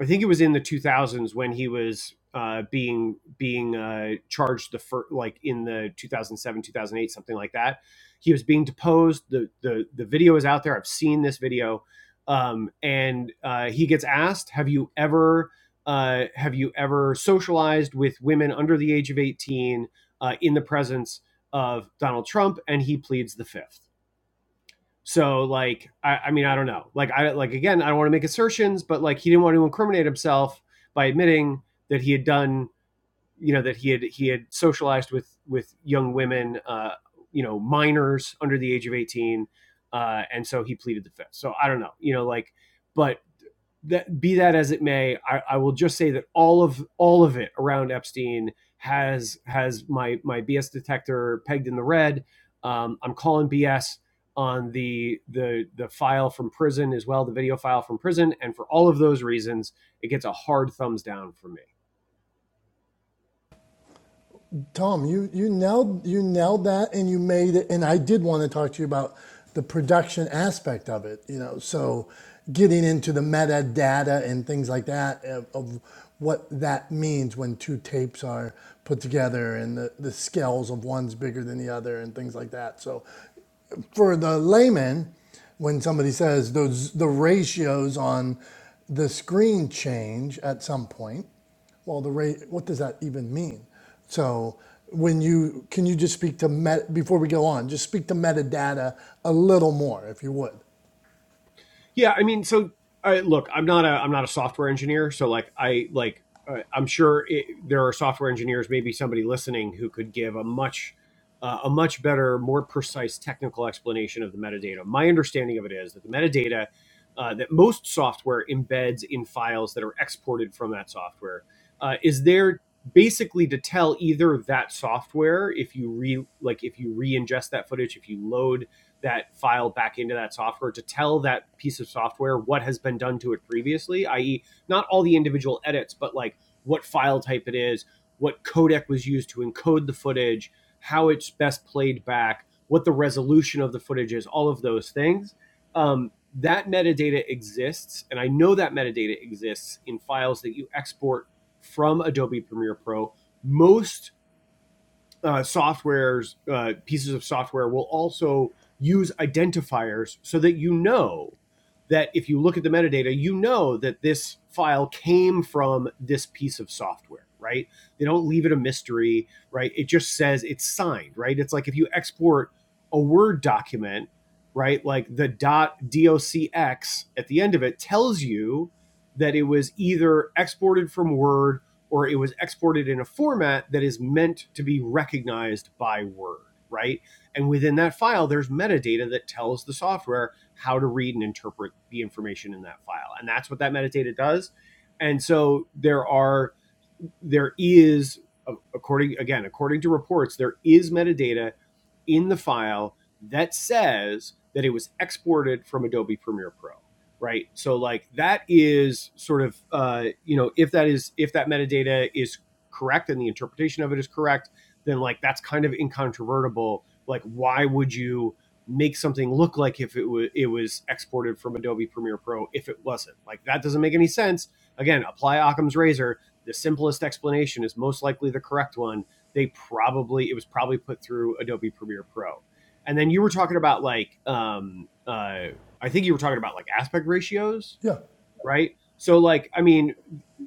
Speaker 2: I think it was in the 2000s when he was uh, being being uh, charged the fir- like in the 2007 2008 something like that. He was being deposed. the the The video is out there. I've seen this video, um, and uh, he gets asked, "Have you ever?" Uh, have you ever socialized with women under the age of 18 uh, in the presence of Donald Trump? And he pleads the fifth. So like I, I mean I don't know like I like again I don't want to make assertions but like he didn't want to incriminate himself by admitting that he had done you know that he had he had socialized with with young women uh, you know minors under the age of 18 uh, and so he pleaded the fifth so I don't know you know like but that be that as it may, I, I will just say that all of all of it around Epstein has has my my BS detector pegged in the red. Um, I'm calling BS on the the the file from prison as well, the video file from prison, and for all of those reasons, it gets a hard thumbs down from me.
Speaker 1: Tom, you you nailed you nailed that, and you made it. And I did want to talk to you about the production aspect of it. You know, so getting into the metadata and things like that of, of what that means when two tapes are put together and the, the scales of one's bigger than the other and things like that. So for the layman, when somebody says those the ratios on the screen change at some point, well, the rate what does that even mean? So when you can you just speak to met before we go on, just speak to metadata a little more if you would.
Speaker 2: Yeah, I mean, so I, look, I'm not a I'm not a software engineer, so like I like uh, I'm sure it, there are software engineers, maybe somebody listening who could give a much uh, a much better, more precise technical explanation of the metadata. My understanding of it is that the metadata uh, that most software embeds in files that are exported from that software uh, is there basically to tell either that software if you re like if you re-ingest that footage if you load that file back into that software to tell that piece of software what has been done to it previously, i.e., not all the individual edits, but like what file type it is, what codec was used to encode the footage, how it's best played back, what the resolution of the footage is, all of those things. Um, that metadata exists, and I know that metadata exists in files that you export from Adobe Premiere Pro. Most uh, software's uh, pieces of software will also use identifiers so that you know that if you look at the metadata, you know that this file came from this piece of software, right? They don't leave it a mystery, right? It just says it's signed, right? It's like if you export a Word document, right? Like the docx at the end of it tells you that it was either exported from Word or it was exported in a format that is meant to be recognized by Word, right? And within that file, there's metadata that tells the software how to read and interpret the information in that file. And that's what that metadata does. And so there are, there is, according, again, according to reports, there is metadata in the file that says that it was exported from Adobe Premiere Pro, right? So like that is sort of uh, you know if that is if that metadata is correct and the interpretation of it is correct, then like that's kind of incontrovertible. Like why would you make something look like if it was it was exported from Adobe Premiere Pro if it wasn't? Like that doesn't make any sense. Again, apply Occam's razor. The simplest explanation is most likely the correct one they probably it was probably put through Adobe Premiere Pro. And then you were talking about like um uh I think you were talking about like aspect ratios
Speaker 1: Yeah.
Speaker 2: right? So like, I mean,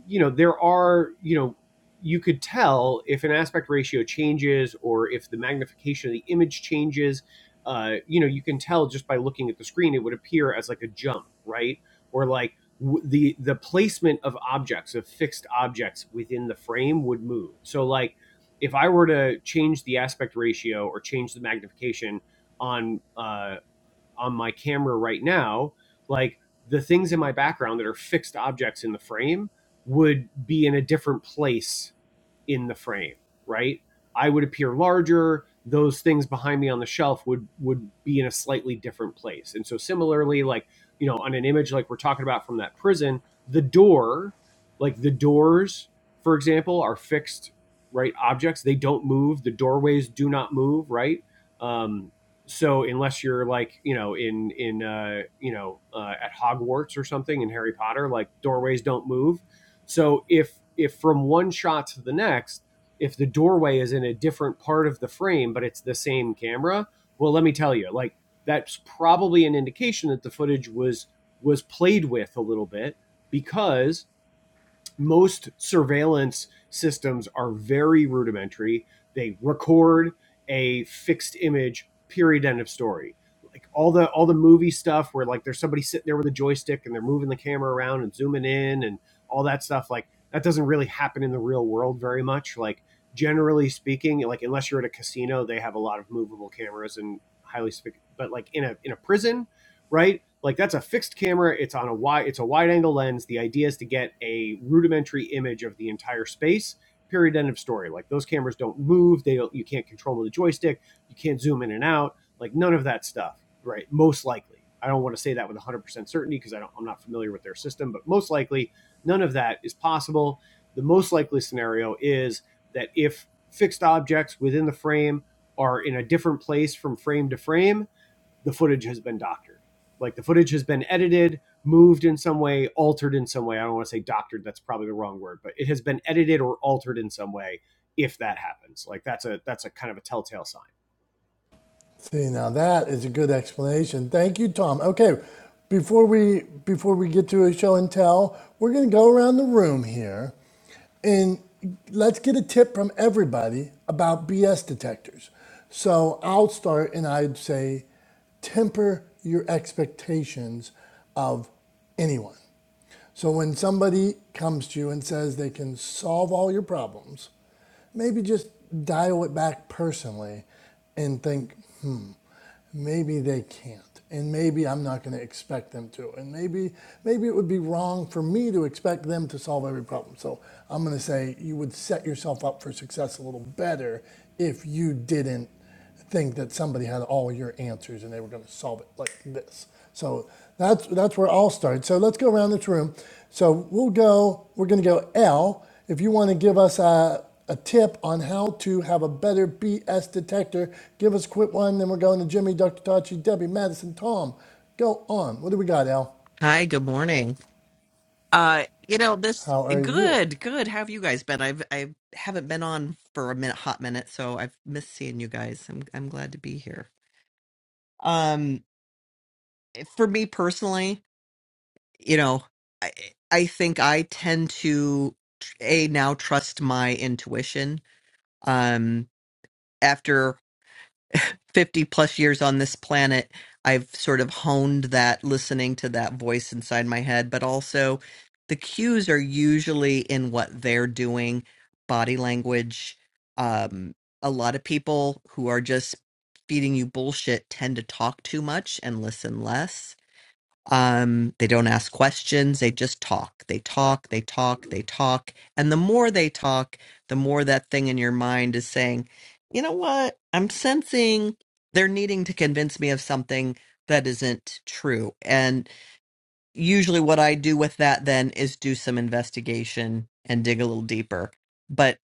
Speaker 2: you know, there are, you know, you could tell if an aspect ratio changes or if the magnification of the image changes. Uh, you know, you can tell just by looking at the screen, it would appear as like a jump, right? Or like w- the the placement of objects, of fixed objects within the frame would move. So like, if I were to change the aspect ratio or change the magnification on uh, on my camera right now, like the things in my background that are fixed objects in the frame would be in a different place in the frame, right? I would appear larger. Those things behind me on the shelf would would be in a slightly different place. And so similarly, like you know, on an image like we're talking about from that prison, the door, like the doors, for example, are fixed right objects. They don't move. The doorways do not move. Right. Um, so unless you're like you know in in uh, you know uh, at Hogwarts or something in Harry Potter, like doorways don't move so if if from one shot to the next, if the doorway is in a different part of the frame but it's the same camera, well let me tell you, like that's probably an indication that the footage was was played with a little bit because most surveillance systems are very rudimentary. They record a fixed image, period, end of story. Like all the all the movie stuff where like there's somebody sitting there with a joystick and they're moving the camera around and zooming in and all that stuff, like that doesn't really happen in the real world very much. Like generally speaking, like unless you're at a casino, they have a lot of movable cameras and highly but like in a in a prison, right? like that's a fixed camera it's on a wide it's a wide angle lens the idea is to get a rudimentary image of the entire space period end of story like those cameras don't move they don't you can't control the joystick you can't zoom in and out like none of that stuff right most likely i don't want to say that with 100% certainty because i don't i'm not familiar with their system but most likely none of that is possible the most likely scenario is that if fixed objects within the frame are in a different place from frame to frame the footage has been doctored. Like the footage has been edited, moved in some way, altered in some way. I don't want to say doctored, that's probably the wrong word, but it has been edited or altered in some way if that happens. Like that's a that's a kind of a telltale sign.
Speaker 1: See, now that is a good explanation. Thank you, Tom. Okay, before we before we get to a show and tell, we're going to go around the room here and let's get a tip from everybody about BS detectors. So I'll start and I'd say temper your expectations of anyone. So when somebody comes to you and says they can solve all your problems, maybe just dial it back personally and think, hmm, maybe they can't and maybe i'm not going to expect them to and maybe maybe it would be wrong for me to expect them to solve every problem so i'm going to say you would set yourself up for success a little better if you didn't think that somebody had all your answers and they were going to solve it like this so that's that's where i'll start so let's go around this room so we'll go we're going to go l if you want to give us a a tip on how to have a better BS detector, give us a quick one. Then we're going to Jimmy, Dr. Tachi, Debbie, Madison, Tom. Go on. What do we got, Al?
Speaker 8: Hi, good morning. Uh, you know, this
Speaker 1: How are you?
Speaker 8: good, good. How have you guys been? I've I haven't been on for a minute, hot minute, so I've missed seeing you guys. I'm I'm glad to be here. Um, for me personally, you know, I I think I tend to a now trust my intuition. Um, after. 50 plus years on this planet, I've sort of honed that listening to that voice inside my head, but also the cues are usually in what they're doing, body language. Um, a lot of people who are just feeding you bullshit tend to talk too much and listen less um, they don't ask questions. They just talk. They talk, they talk, they talk. And the more they talk, the more that thing in your mind is saying, you know what? I'm sensing they're needing to convince me of something that isn't true. And usually what I do with that then is do some investigation and dig a little deeper. But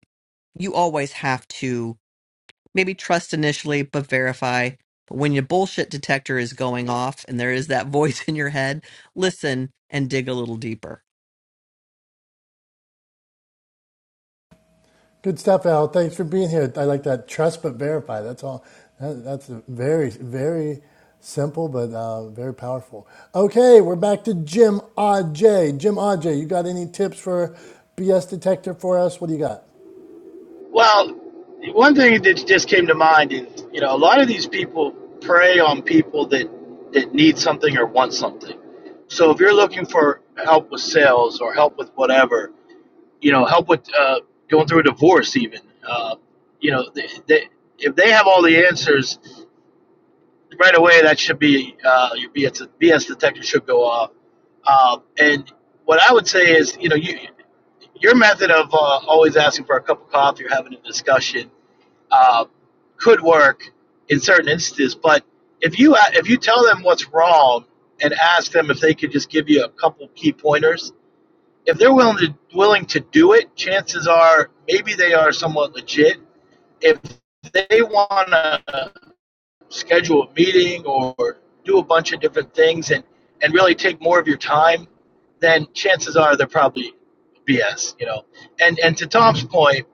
Speaker 8: you always have to maybe trust initially, but verify. But when your bullshit detector is going off and there is that voice in your head, listen and dig a little deeper.
Speaker 1: Good stuff, Al. Thanks for being here. I like that. Trust but verify. That's all. That, that's a very, very simple, but uh, very powerful. Okay, we're back to Jim Aj. Jim Aj, you got any tips for BS detector for us? What do you got?
Speaker 7: Well, one thing that just came to mind is you know a lot of these people prey on people that that need something or want something. So if you're looking for help with sales or help with whatever, you know, help with uh, going through a divorce, even, uh, you know, they, they, if they have all the answers, right away that should be uh, your BS, detector should go off. Um, and what I would say is, you know, you, your method of uh, always asking for a cup of coffee or having a discussion uh, could work in certain instances, but if you uh, if you tell them what's wrong and ask them if they could just give you a couple key pointers, if they're willing to willing to do it, chances are maybe they are somewhat legit. If they want to schedule a meeting or do a bunch of different things and, and really take more of your time, then chances are they're probably BS, you know. And and to Tom's point,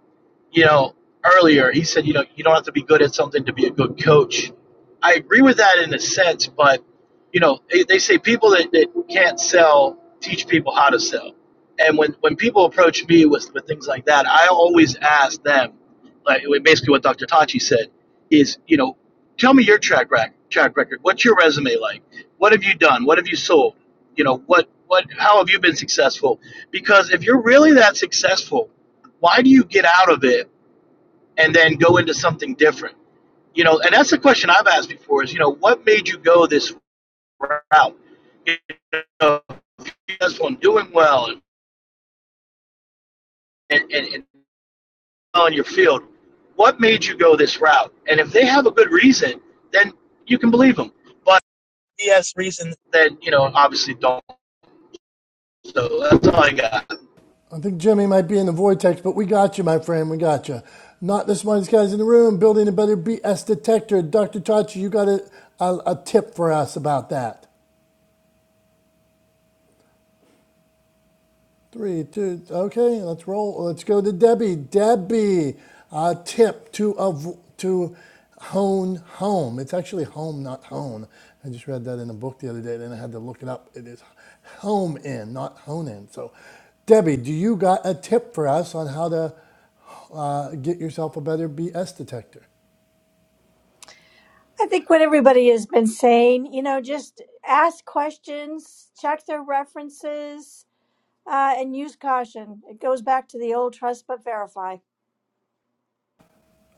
Speaker 7: you know, earlier, he said, you know, you don't have to be good at something to be a good coach. I agree with that in a sense, but, you know, they, they say people that, that can't sell teach people how to sell. And when, when people approach me with, with things like that, I always ask them, like like, basically what Dr. Tachi said, is, you know, tell me your track, rac- track record. What's your resume like? What have you done? What have you sold? You know, what, what, how have you been successful? Because if you're really that successful, why do you get out of it and then go into something different? You know, and that's the question I've asked before is, you know, what made you go this route? You know, if you're successful and doing well and, and, and well in your field, what made you go this route? And if they have a good reason, then you can believe them. But BS reasons then, you know, obviously don't. So that's all I got.
Speaker 1: I think Jimmy might be in the vortex, but we got you, my friend. We got you. Not the smartest guys in the room. Building a better BS detector. Dr. Tachi, you got a, a, a tip for us about that. Three, two, okay, let's roll. Let's go to Debbie. Debbie, a tip to av- to hone home. It's actually home, not hone. I just read that in a book the other day, then I had to look it up. It is home in, not hone in. So, Debbie, do you got a tip for us on how to uh, get yourself a better BS detector.
Speaker 5: I think what everybody has been saying, you know, just ask questions, check their references, uh, and use caution. It goes back to the old trust but verify.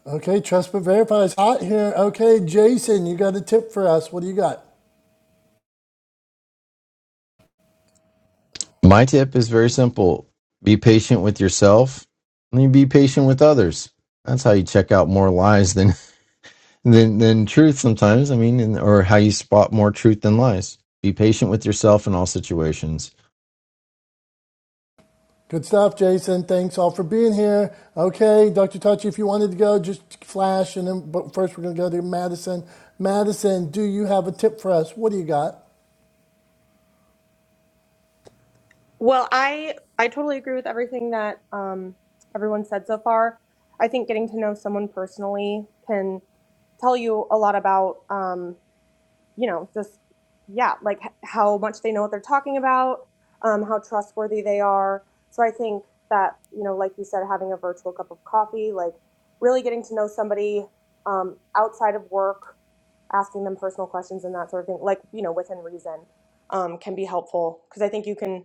Speaker 1: Okay, trust but verify is hot here. Okay, Jason, you got a tip for us. What do you got?
Speaker 4: My tip is very simple be patient with yourself and then be patient with others. That's how you check out more lies than, than, than truth sometimes. I mean, or how you spot more truth than lies. Be patient with yourself in all situations.
Speaker 1: Good stuff, Jason. Thanks all for being here. Okay, Dr. Tachi, if you wanted to go, just flash. And then, but first, we're going to go to Madison. Madison, do you have a tip for us? What do you got?
Speaker 3: Well, I I totally agree with everything that um, everyone said so far. I think getting to know someone personally can tell you a lot about um, you know just yeah like h- how much they know what they're talking about, um, how trustworthy they are. So I think that you know like you said, having a virtual cup of coffee, like really getting to know somebody um, outside of work, asking them personal questions and that sort of thing, like you know within reason, um, can be helpful because I think you can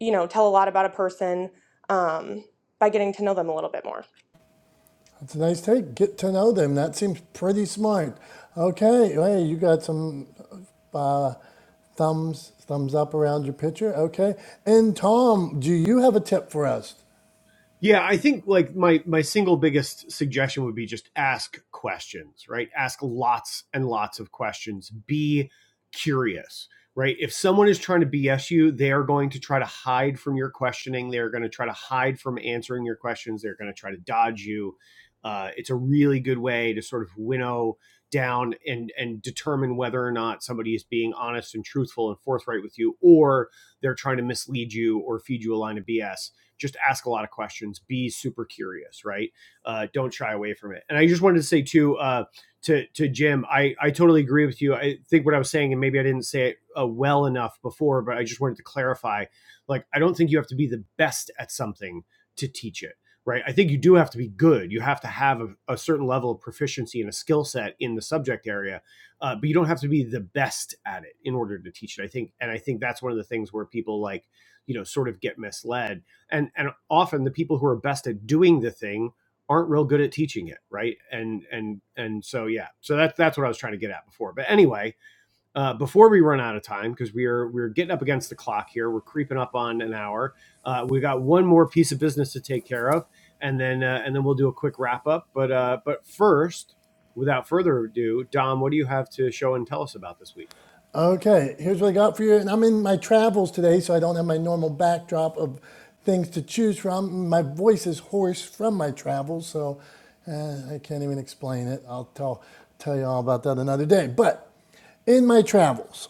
Speaker 3: you know, tell a lot about a person um, by getting to know them a little bit more.
Speaker 1: That's a nice take. Get to know them. That seems pretty smart. Okay, hey, you got some thumbs, thumbs up around your picture. Okay, and Tom, do you have a tip for us?
Speaker 2: Yeah, I think like my my single biggest suggestion would be just ask questions, right? Ask lots and lots of questions. Be curious, right? If someone is trying to BS you, they are going to try to hide from your questioning. They are going to try to hide from answering your questions. They're going to try to dodge you. Uh, it's a really good way to sort of winnow down and and determine whether or not somebody is being honest and truthful and forthright with you, or they're trying to mislead you or feed you a line of BS just ask a lot of questions, be super curious, right? Uh, don't shy away from it. And I just wanted to say too, uh, to to Jim, I I totally agree with you. I think what I was saying, and maybe I didn't say it uh, well enough before, but I just wanted to clarify. Like, I don't think you have to be the best at something to teach it. Right. I think you do have to be good. You have to have a, a certain level of proficiency and a skill set in the subject area, uh, but you don't have to be the best at it in order to teach it. I think, and I think that's one of the things where people like, you know, sort of get misled and and often the people who are best at doing the thing aren't real good at teaching it right and and and so yeah so that's that's what i was trying to get at before but anyway uh, before we run out of time because we're we're getting up against the clock here we're creeping up on an hour uh, we got one more piece of business to take care of and then uh, and then we'll do a quick wrap up but uh but first without further ado dom what do you have to show and tell us about this week
Speaker 1: Okay, here's what I got for you. And I'm in my travels today, so I don't have my normal backdrop of things to choose from. My voice is hoarse from my travels, so uh, I can't even explain it. I'll tell, tell you all about that another day. But in my travels,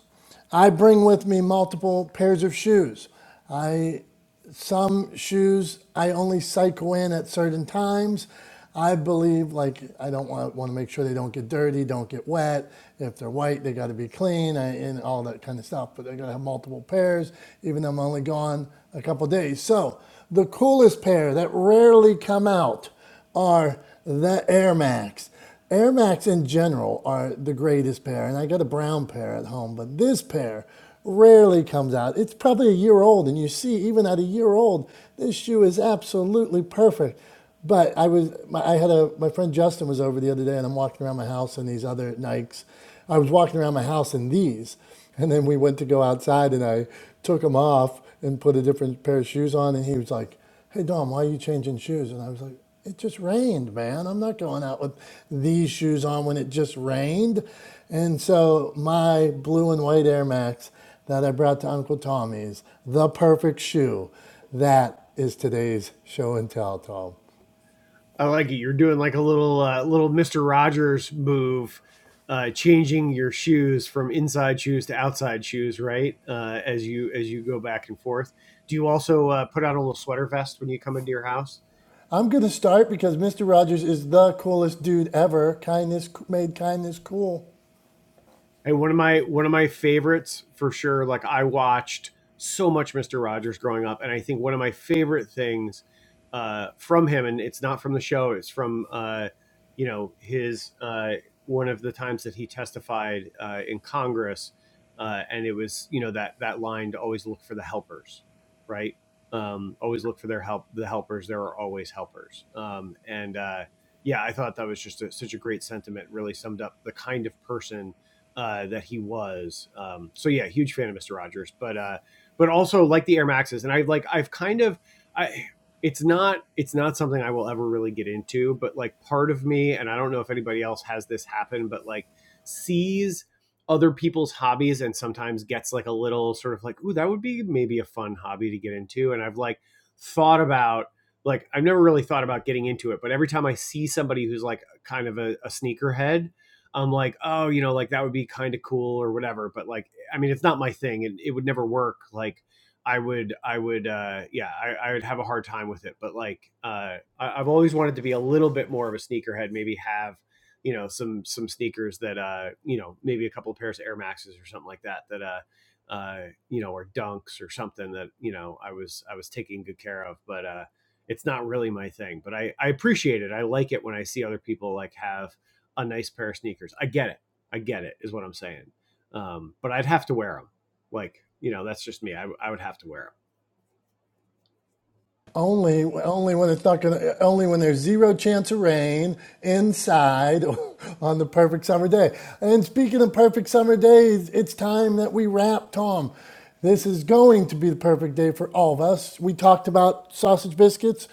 Speaker 1: I bring with me multiple pairs of shoes. I some shoes I only cycle in at certain times. I believe like I don't want want to make sure they don't get dirty, don't get wet. If they're white, they got to be clean I, and all that kind of stuff. But I got to have multiple pairs, even though I'm only gone a couple days. So the coolest pair that rarely come out are the Air Max. Air Max in general are the greatest pair, and I got a brown pair at home, but this pair rarely comes out. It's probably a year old, and you see, even at a year old, this shoe is absolutely perfect. But I was, I had a, my friend Justin was over the other day, and I'm walking around my house in these other Nikes. I was walking around my house in these, and then we went to go outside, and I took them off and put a different pair of shoes on, and he was like, hey Dom, why are you changing shoes? And I was like, it just rained, man. I'm not going out with these shoes on when it just rained. And so my blue and white Air Max that I brought to Uncle Tommy's, the perfect shoe. That is today's show and tell, Tom.
Speaker 2: I like it. You're doing like a little uh, little Mister Rogers move, uh, changing your shoes from inside shoes to outside shoes, right? Uh, as you as you go back and forth. Do you also uh, put on a little sweater vest when you come into your house?
Speaker 1: I'm going to start because Mr. Rogers is the coolest dude ever. Kindness made kindness cool.
Speaker 2: And one of my one of my favorites for sure. Like I watched so much Mister Rogers growing up, and I think one of my favorite things uh, from him, and it's not from the show, it's from uh, you know his uh, one of the times that he testified uh, in Congress, uh, and it was you know that that line to always look for the helpers, right? Um, always look for their help. The helpers, there are always helpers, um, and uh, yeah, I thought that was just a, such a great sentiment. Really summed up the kind of person uh, that he was. Um, so yeah, huge fan of Mister Rogers, but uh, but also like the Air Maxes, and I like I've kind of I it's not it's not something I will ever really get into, but like part of me, and I don't know if anybody else has this happen, but like sees other people's hobbies and sometimes gets like a little sort of like, ooh, that would be maybe a fun hobby to get into, and I've like thought about like I've never really thought about getting into it, but every time I see somebody who's like kind of a, a sneakerhead, I'm like, oh, you know, like that would be kind of cool or whatever. But like, I mean, it's not my thing, and it would never work. Like, I would, I would, uh, yeah, I, I would have a hard time with it. But like, uh, I, I've always wanted to be a little bit more of a sneakerhead. Maybe have, you know, some some sneakers that, uh, you know, maybe a couple of pairs of Air Maxes or something like that. That, uh, uh, you know, or Dunks or something that you know I was I was taking good care of. But uh, it's not really my thing. But I I appreciate it. I like it when I see other people like have a nice pair of sneakers. I get it. I get it, is what I'm saying. Um, but I'd have to wear them. Like, you know, that's just me. I, I would have to wear
Speaker 1: Only,
Speaker 2: them.
Speaker 1: only when it's not gonna, only when there's zero chance of rain inside on the perfect summer day. And speaking of perfect summer days, it's time that we wrap, Tom. This is going to be the perfect day for all of us. We talked about sausage biscuits,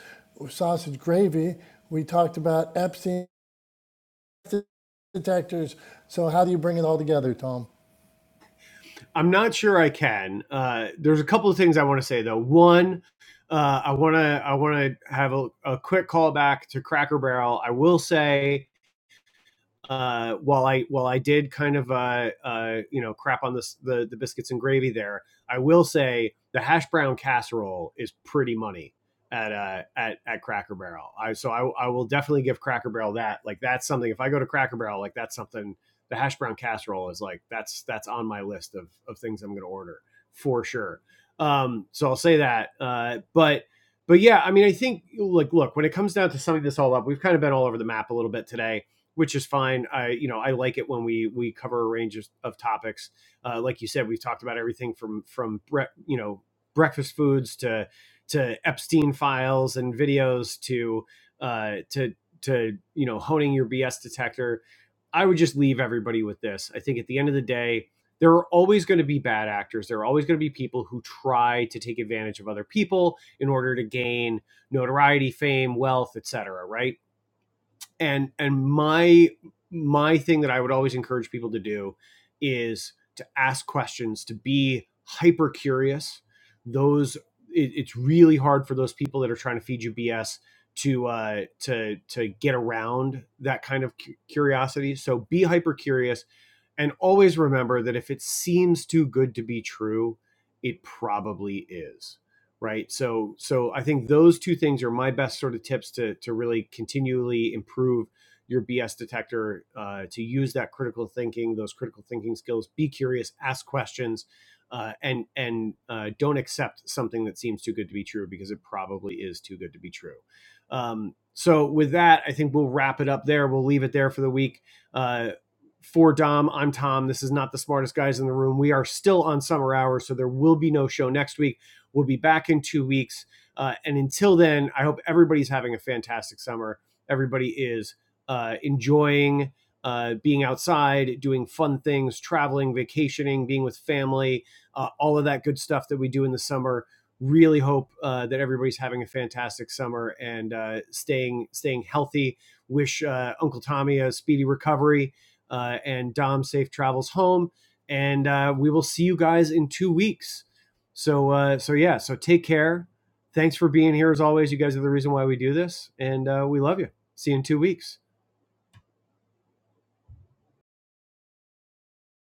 Speaker 1: sausage gravy. We talked about Epstein detectors. So how do you bring it all together, Tom?
Speaker 2: I'm not sure I can. Uh, there's a couple of things I want to say though. One, uh, I want to I want to have a, a quick callback to Cracker Barrel. I will say uh, while I while I did kind of uh, uh, you know crap on this the the biscuits and gravy there, I will say the hash brown casserole is pretty money at uh, at at Cracker Barrel. I so I I will definitely give Cracker Barrel that like that's something. If I go to Cracker Barrel, like that's something. The hash brown casserole is like that's that's on my list of of things I'm going to order for sure. Um, so I'll say that. Uh, but but yeah, I mean, I think like look when it comes down to summing this all up, we've kind of been all over the map a little bit today which is fine. I you know I like it when we we cover a range of, of topics. Uh, like you said, we've talked about everything from from you know breakfast foods to to Epstein files and videos to uh, to to you know honing your BS detector. I would just leave everybody with this. I think at the end of the day, there are always going to be bad actors. There are always going to be people who try to take advantage of other people in order to gain notoriety, fame, wealth, etc. Right? and and my my thing that i would always encourage people to do is to ask questions to be hyper curious those it, it's really hard for those people that are trying to feed you bs to uh to to get around that kind of cu- curiosity so be hyper curious and always remember that if it seems too good to be true it probably is right so so i think those two things are my best sort of tips to to really continually improve your bs detector uh, to use that critical thinking those critical thinking skills be curious ask questions uh, and and uh, don't accept something that seems too good to be true because it probably is too good to be true um, so with that i think we'll wrap it up there we'll leave it there for the week uh, for Dom, I'm Tom. This is not the smartest guys in the room. We are still on summer hours, so there will be no show next week We'll be back in two weeks. Uh, and until then, I hope everybody's having a fantastic summer. Everybody is uh, enjoying uh, being outside, doing fun things, traveling, vacationing, being with family, uh, all of that good stuff that we do in the summer. Really hope uh, that everybody's having a fantastic summer and uh, staying staying healthy. Wish uh, Uncle Tommy a speedy recovery uh, and Dom safe travels home. And uh, we will see you guys in two weeks. So uh, so yeah. So take care. Thanks for being here as always. You guys are the reason why we do this, and uh, we love you. See you in two weeks.